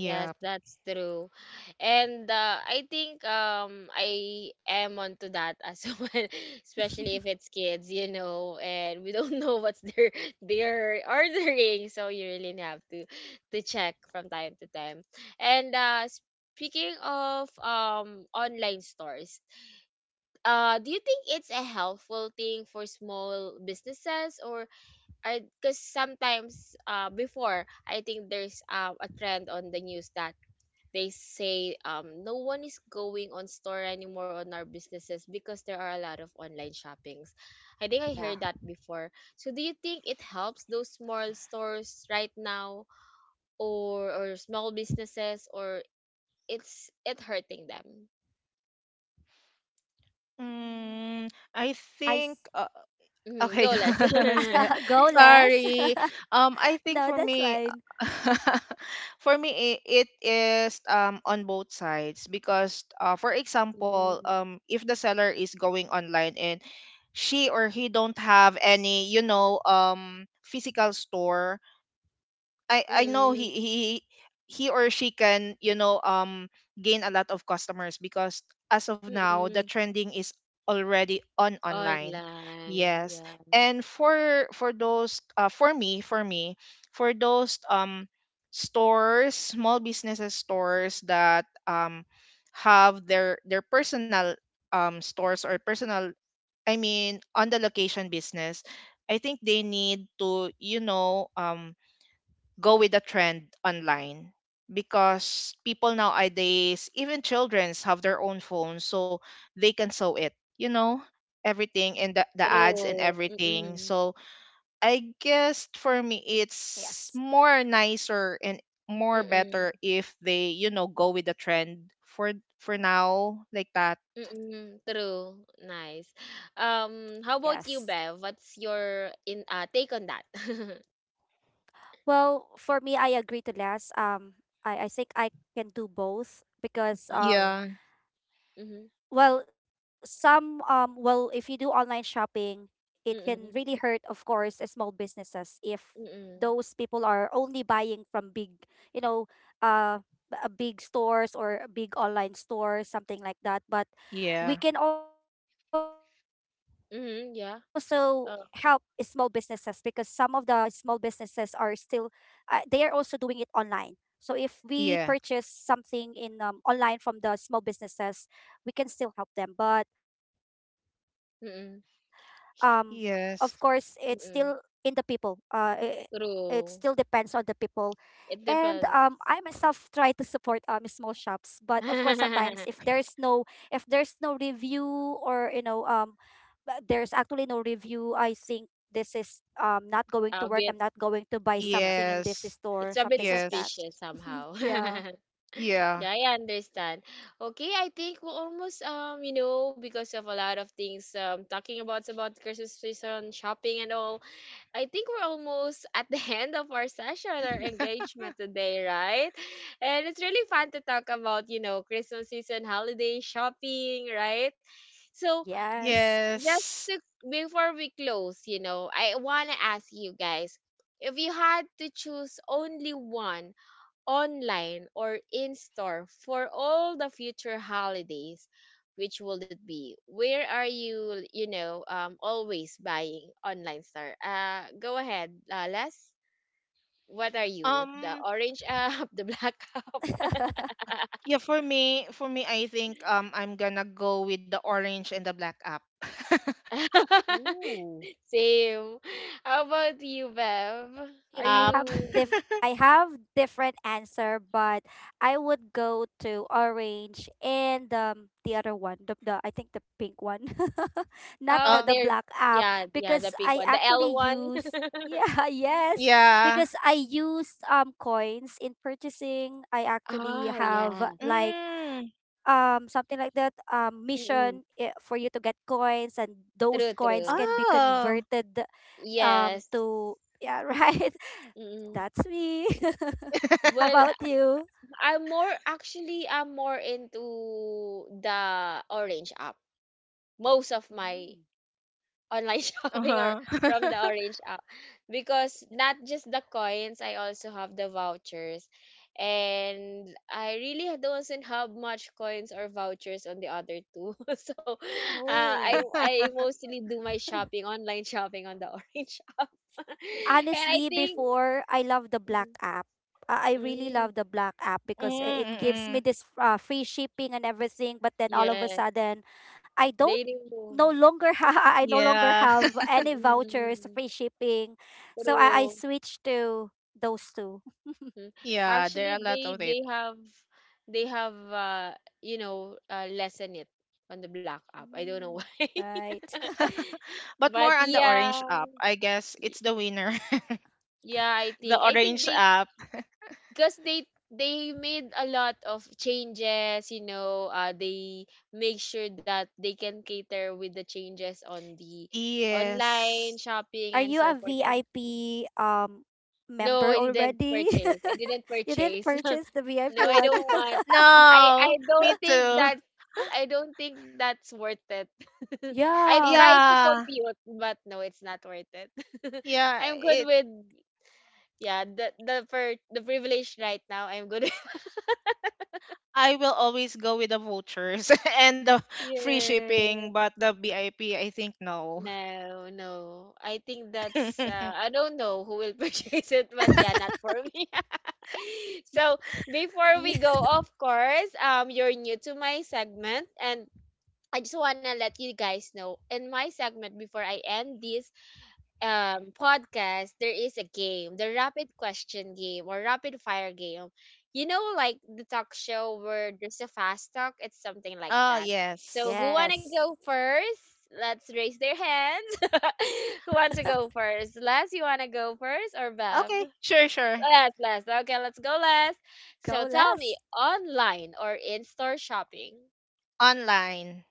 Speaker 1: Yes, that's true. And I think I am onto that as well, especially if it's kids, and we don't know what's their they're ordering, so you really have to check from time to time. And speaking of online stores, do you think it's a helpful thing for small businesses, or are because sometimes before I think there's a trend on the news that they say no one is going on store anymore on our businesses because there are a lot of online shoppings. I think I
Speaker 3: Yeah.
Speaker 1: heard that before. So do you think it helps those small stores right now, or small businesses, or it hurting them?
Speaker 3: Mm.
Speaker 2: mm, I
Speaker 3: I s-
Speaker 2: think
Speaker 1: Mhm,
Speaker 2: okay,
Speaker 1: go less.
Speaker 2: guys. Yeah.
Speaker 3: Go, less.
Speaker 2: Sorry. I think
Speaker 3: No,
Speaker 2: for
Speaker 3: that's
Speaker 2: me,
Speaker 3: fine.
Speaker 2: for me, it is on both sides because, for example, if the seller is going online and she or he don't have any, you know, physical store, I know
Speaker 1: Mm,
Speaker 2: he or she can you know gain a lot of customers because as of now the
Speaker 1: mm.
Speaker 2: trending is already on online.
Speaker 1: Online,
Speaker 2: Yes.
Speaker 1: yes.
Speaker 2: And for those for me for me, for those stores, small businesses stores that have their personal stores or personal, I mean, on the location business, I think they need to, you know, go with the trend online, because people nowadays, even childrens, have their own phones, so they can sew it, you
Speaker 3: Mhm.
Speaker 2: know, everything and the ads and
Speaker 1: True.
Speaker 2: everything.
Speaker 1: Mm,
Speaker 2: So
Speaker 3: Yes,
Speaker 2: I guess for me, it's more nicer and more
Speaker 1: mm,
Speaker 2: better if they, you know, go with the trend for now like that.
Speaker 1: mm, true. Nice.
Speaker 3: yes.
Speaker 1: How about you, Bev? What's your in take on that?
Speaker 3: Well, for me, I agree to less. I think I can do both, because,
Speaker 1: Uh,
Speaker 3: um,
Speaker 2: Yeah,
Speaker 1: mm-hmm,
Speaker 3: well, some um well, if you do online shopping, it can really
Speaker 1: mm-mm,
Speaker 3: hurt, of course, small businesses if
Speaker 1: mm-mm,
Speaker 3: those people are only buying from big, you know, uh big stores or big online stores, something like that. But
Speaker 2: yeah,
Speaker 3: we can also help small businesses
Speaker 1: mm-hmm,
Speaker 3: because
Speaker 1: yeah.
Speaker 3: some of the
Speaker 1: Uh,
Speaker 3: small businesses are still, they are also doing it online. So if we purchase something
Speaker 2: yeah.
Speaker 3: in online from the small businesses, we can still help them, but, um of course,
Speaker 1: mm-mm,
Speaker 3: it's still in the
Speaker 2: Yes,
Speaker 3: people it,
Speaker 1: mm-mm.
Speaker 3: it still depends on the
Speaker 1: True.
Speaker 3: people. And
Speaker 1: It
Speaker 3: I
Speaker 1: depends.
Speaker 3: myself try to support small shops, but of course sometimes if there's no review, or, you know, there's actually no review. I think this is not going to
Speaker 1: A
Speaker 3: work, I'm
Speaker 1: bit,
Speaker 3: not going to buy
Speaker 1: yeah.
Speaker 3: something in this
Speaker 2: yes,
Speaker 3: store,
Speaker 1: It's a bit
Speaker 3: something like that.
Speaker 2: yes,
Speaker 1: suspicious somehow.
Speaker 3: Yeah.
Speaker 2: yeah,
Speaker 1: Yeah, I understand. Okay, I think we're almost because of a lot of things talking about Christmas season, shopping and all. I think we're almost at the end of our session, our engagement today, right? And it's really fun to talk about, you know, Christmas season, holiday shopping, right? So,
Speaker 3: Yes.
Speaker 1: just
Speaker 2: yes.
Speaker 1: to before we close, you know, I want to ask you guys, if you had to choose only one, online or in store, for all the future holidays, which will it be? Where are you, you know always buying, online store? Go ahead, Les, what are you? The
Speaker 2: Um,
Speaker 1: orange up the black up?
Speaker 2: yeah, for me, I think I'm gonna go with the orange and the black app. I will not
Speaker 3: Ooh.
Speaker 2: purchase
Speaker 1: Same.
Speaker 2: again
Speaker 1: How
Speaker 2: on
Speaker 1: about
Speaker 2: the
Speaker 1: you,
Speaker 2: blue
Speaker 1: Bev?
Speaker 2: app.
Speaker 3: I
Speaker 1: Are
Speaker 3: I have
Speaker 1: you?
Speaker 3: diff I have different answer, but I would go to orange, and the other one, the I think the pink one, not
Speaker 1: Oh
Speaker 3: the
Speaker 1: there.
Speaker 2: Oh
Speaker 3: black
Speaker 2: yeah, the
Speaker 3: app,
Speaker 1: Yeah,
Speaker 2: Blink
Speaker 1: yeah, the
Speaker 3: because
Speaker 2: app.
Speaker 1: pink
Speaker 3: I
Speaker 1: one, the
Speaker 2: Yes.
Speaker 1: L
Speaker 3: actually
Speaker 1: one.
Speaker 3: use, yeah, yes,
Speaker 2: Yeah.
Speaker 3: because I use coins in purchasing. I actually
Speaker 1: Oh
Speaker 3: have
Speaker 1: yeah.
Speaker 3: like,
Speaker 2: Mm.
Speaker 3: something like that,
Speaker 1: Mm-mm.
Speaker 3: mission, for you to get coins, and those
Speaker 1: True,
Speaker 3: coins
Speaker 1: true.
Speaker 3: can be converted
Speaker 2: Oh.
Speaker 1: Yes.
Speaker 3: to, yeah, right,
Speaker 1: Mm.
Speaker 3: that's me. How
Speaker 1: Well,
Speaker 3: about you?
Speaker 1: I'm more into the Orange app. Most of my
Speaker 3: Mm.
Speaker 1: online shopping are
Speaker 2: Uh-huh.
Speaker 1: from the Orange app, because not just the coins, I also have the vouchers. And I really doesn't have much coins or vouchers on the other two. So, I
Speaker 3: Oh.
Speaker 1: I mostly do my shopping, online shopping on the Orange app. And I
Speaker 3: Honestly,
Speaker 1: think
Speaker 3: before, I love the black
Speaker 1: mm,
Speaker 3: app. I really love
Speaker 1: mm,
Speaker 3: the black app, because it gives me
Speaker 2: Mm-mm.
Speaker 3: this, free shipping and everything, but then all of a
Speaker 1: yes,
Speaker 3: sudden, I
Speaker 1: they
Speaker 3: don't
Speaker 1: remove.
Speaker 3: no longer I no longer
Speaker 2: Yeah.
Speaker 3: have any vouchers,
Speaker 1: Mm,
Speaker 3: free shipping, so I
Speaker 1: true.
Speaker 3: switched to those two.
Speaker 1: Mm.
Speaker 2: Yeah,
Speaker 1: Actually,
Speaker 2: there are a lot
Speaker 1: they
Speaker 2: of
Speaker 1: they
Speaker 2: it.
Speaker 1: have they have lessen it on the black app. I don't know
Speaker 3: Mm.
Speaker 1: why,
Speaker 3: Right.
Speaker 2: But
Speaker 1: but
Speaker 2: more on the orange
Speaker 1: yeah,
Speaker 2: app. I guess it's
Speaker 1: y-
Speaker 2: the winner.
Speaker 1: yeah. I
Speaker 2: The
Speaker 1: think I think
Speaker 2: orange
Speaker 1: they,
Speaker 2: app.
Speaker 1: because they made a lot of changes. You know, they make sure that they can cater with the changes on the
Speaker 2: Yes.
Speaker 1: online shopping
Speaker 3: Are
Speaker 1: and
Speaker 3: you
Speaker 1: so
Speaker 3: a
Speaker 1: forth. And
Speaker 3: VIP
Speaker 1: no,
Speaker 3: member
Speaker 1: I didn't
Speaker 3: already?
Speaker 1: purchase. I didn't
Speaker 3: You didn't
Speaker 1: purchase.
Speaker 3: purchase the
Speaker 1: No,
Speaker 3: VIP
Speaker 1: I
Speaker 3: one.
Speaker 1: don't want. I
Speaker 2: No,
Speaker 1: I
Speaker 2: me
Speaker 1: don't think
Speaker 2: too.
Speaker 1: that's I don't think that's worth it. I
Speaker 3: Yeah.
Speaker 1: tried to
Speaker 2: Yeah,
Speaker 1: compute, but no, it's not worth it.
Speaker 2: yeah.
Speaker 1: I'm good
Speaker 2: It.
Speaker 1: with, yeah, the for the privilege right now. I'm good.
Speaker 2: I will always go with the vouchers and the free
Speaker 1: Yeah.
Speaker 2: shipping, but the VIP, I P, I think no.
Speaker 1: No, no. I think that's I don't know who will purchase it, but yeah, not for me. So before
Speaker 3: Me.
Speaker 1: we go, of course, you're new to my segment, and I just want to let you guys know, in my segment, before I end this podcast, there is a game, the rapid question game or rapid fire game. You know, like the talk show where there's a fast talk, it's something like
Speaker 2: Oh
Speaker 1: that. So,
Speaker 2: yes.
Speaker 1: who want to
Speaker 3: Yes.
Speaker 1: go first? Let's raise their hands. Who wants to go first? Les, you want to go first or Bev?
Speaker 2: Okay, sure, sure.
Speaker 1: Les, Les. Okay, let's go, Les.
Speaker 3: Go,
Speaker 1: So, tell me,
Speaker 3: less.
Speaker 1: online or in store shopping?
Speaker 2: Online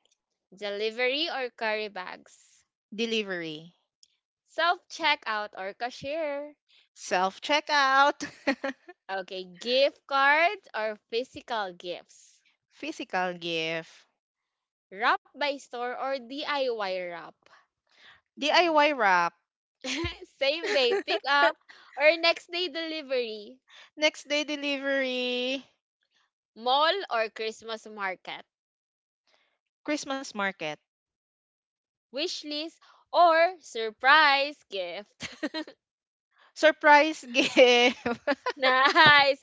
Speaker 1: Delivery or carry bags?
Speaker 2: delivery,
Speaker 1: Self checkout or cashier.
Speaker 2: self checkout,
Speaker 1: Okay, gift cards or physical gifts.
Speaker 2: physical gift,
Speaker 1: Wrap by store or DIY wrap.
Speaker 3: Mm.
Speaker 2: DIY wrap,
Speaker 1: Same day pick up or next day delivery.
Speaker 2: next day delivery,
Speaker 1: Mall or Christmas market.
Speaker 2: Christmas market,
Speaker 1: Wish list or surprise gift.
Speaker 2: surprise gift.
Speaker 1: Nice.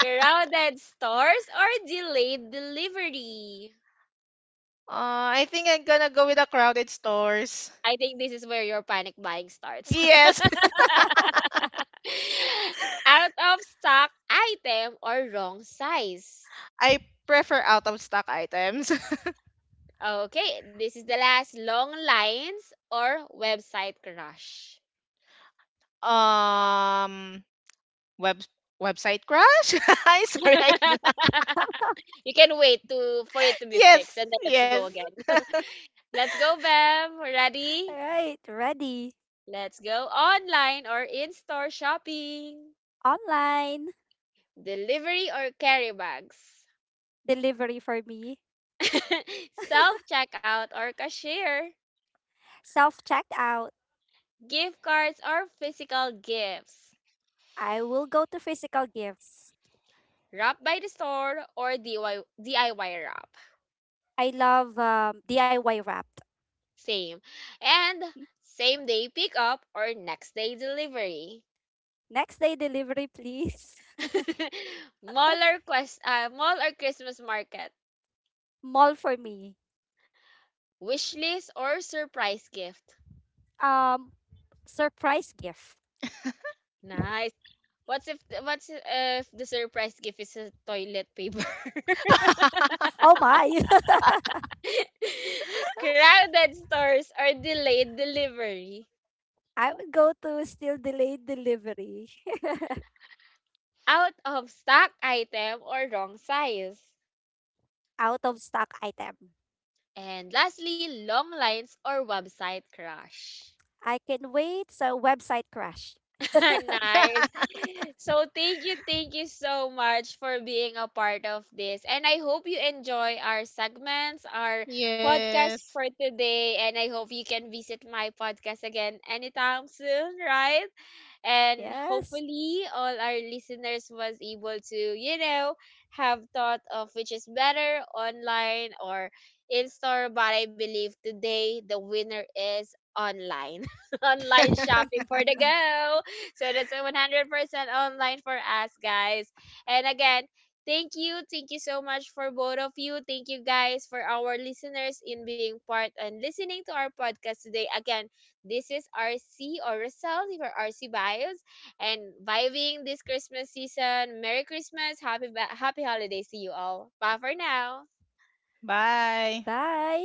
Speaker 1: Crowded stores or delayed delivery.
Speaker 2: I think I'm gonna go with the crowded stores.
Speaker 1: I think this is where your panic buying starts.
Speaker 2: Yes,
Speaker 1: Out of stock item or wrong size.
Speaker 2: I prefer out of stock items.
Speaker 1: Okay, this is the last, long lines or website crush.
Speaker 2: um, web website crash. I am sorry. I,
Speaker 1: You can wait to for it to be fixed
Speaker 2: yes,
Speaker 1: and then let's
Speaker 2: yes,
Speaker 1: go again. Let's go, Bev. Ready?
Speaker 3: Right. Ready.
Speaker 1: Let's go, online or in-store shopping.
Speaker 3: Online.
Speaker 1: Delivery or carry bags.
Speaker 3: Delivery for me.
Speaker 1: Self checkout or cashier,
Speaker 3: Self checked out.
Speaker 1: gift cards or physical gifts,
Speaker 3: I will go to physical gifts.
Speaker 1: wrap by the store or DIY, DIY wrap.
Speaker 3: I love, DIY wrapped.
Speaker 1: Same. And same day pickup or next day delivery.
Speaker 3: Next day delivery, please.
Speaker 1: Mall or quest, mall or Christmas market,
Speaker 3: Mall for me.
Speaker 1: wish list or surprise gift.
Speaker 3: Um, surprise gift.
Speaker 1: Nice. What's if what's if the surprise gift is a toilet paper?
Speaker 3: Oh my!
Speaker 1: Crowded stores or delayed delivery,
Speaker 3: I would go to still delayed delivery.
Speaker 1: out of stock item or wrong size.
Speaker 3: Out of stock item.
Speaker 1: And lastly, long lines or website crash.
Speaker 3: I can wait, so website crash.
Speaker 1: Nice. So thank you so much for being a part of this. And I hope you enjoy our segments, our podcast
Speaker 2: yes.
Speaker 1: for today. And I hope you can visit my podcast again anytime soon, right? And
Speaker 3: Yes.
Speaker 1: hopefully all our listeners was able to, you know, have thought of which is better, online or in store, but I believe today the winner is online. Online shopping for the go. So that's a 100% online for us guys. And again, thank you. Thank you so much for both of you. Thank you guys for our listeners in being part and listening to our podcast today. Again, this is RC, or Rosal, for RC Vibes, and vibing this Christmas season. Merry Christmas, happy holidays to you all. Bye for now.
Speaker 2: Bye.
Speaker 3: Bye.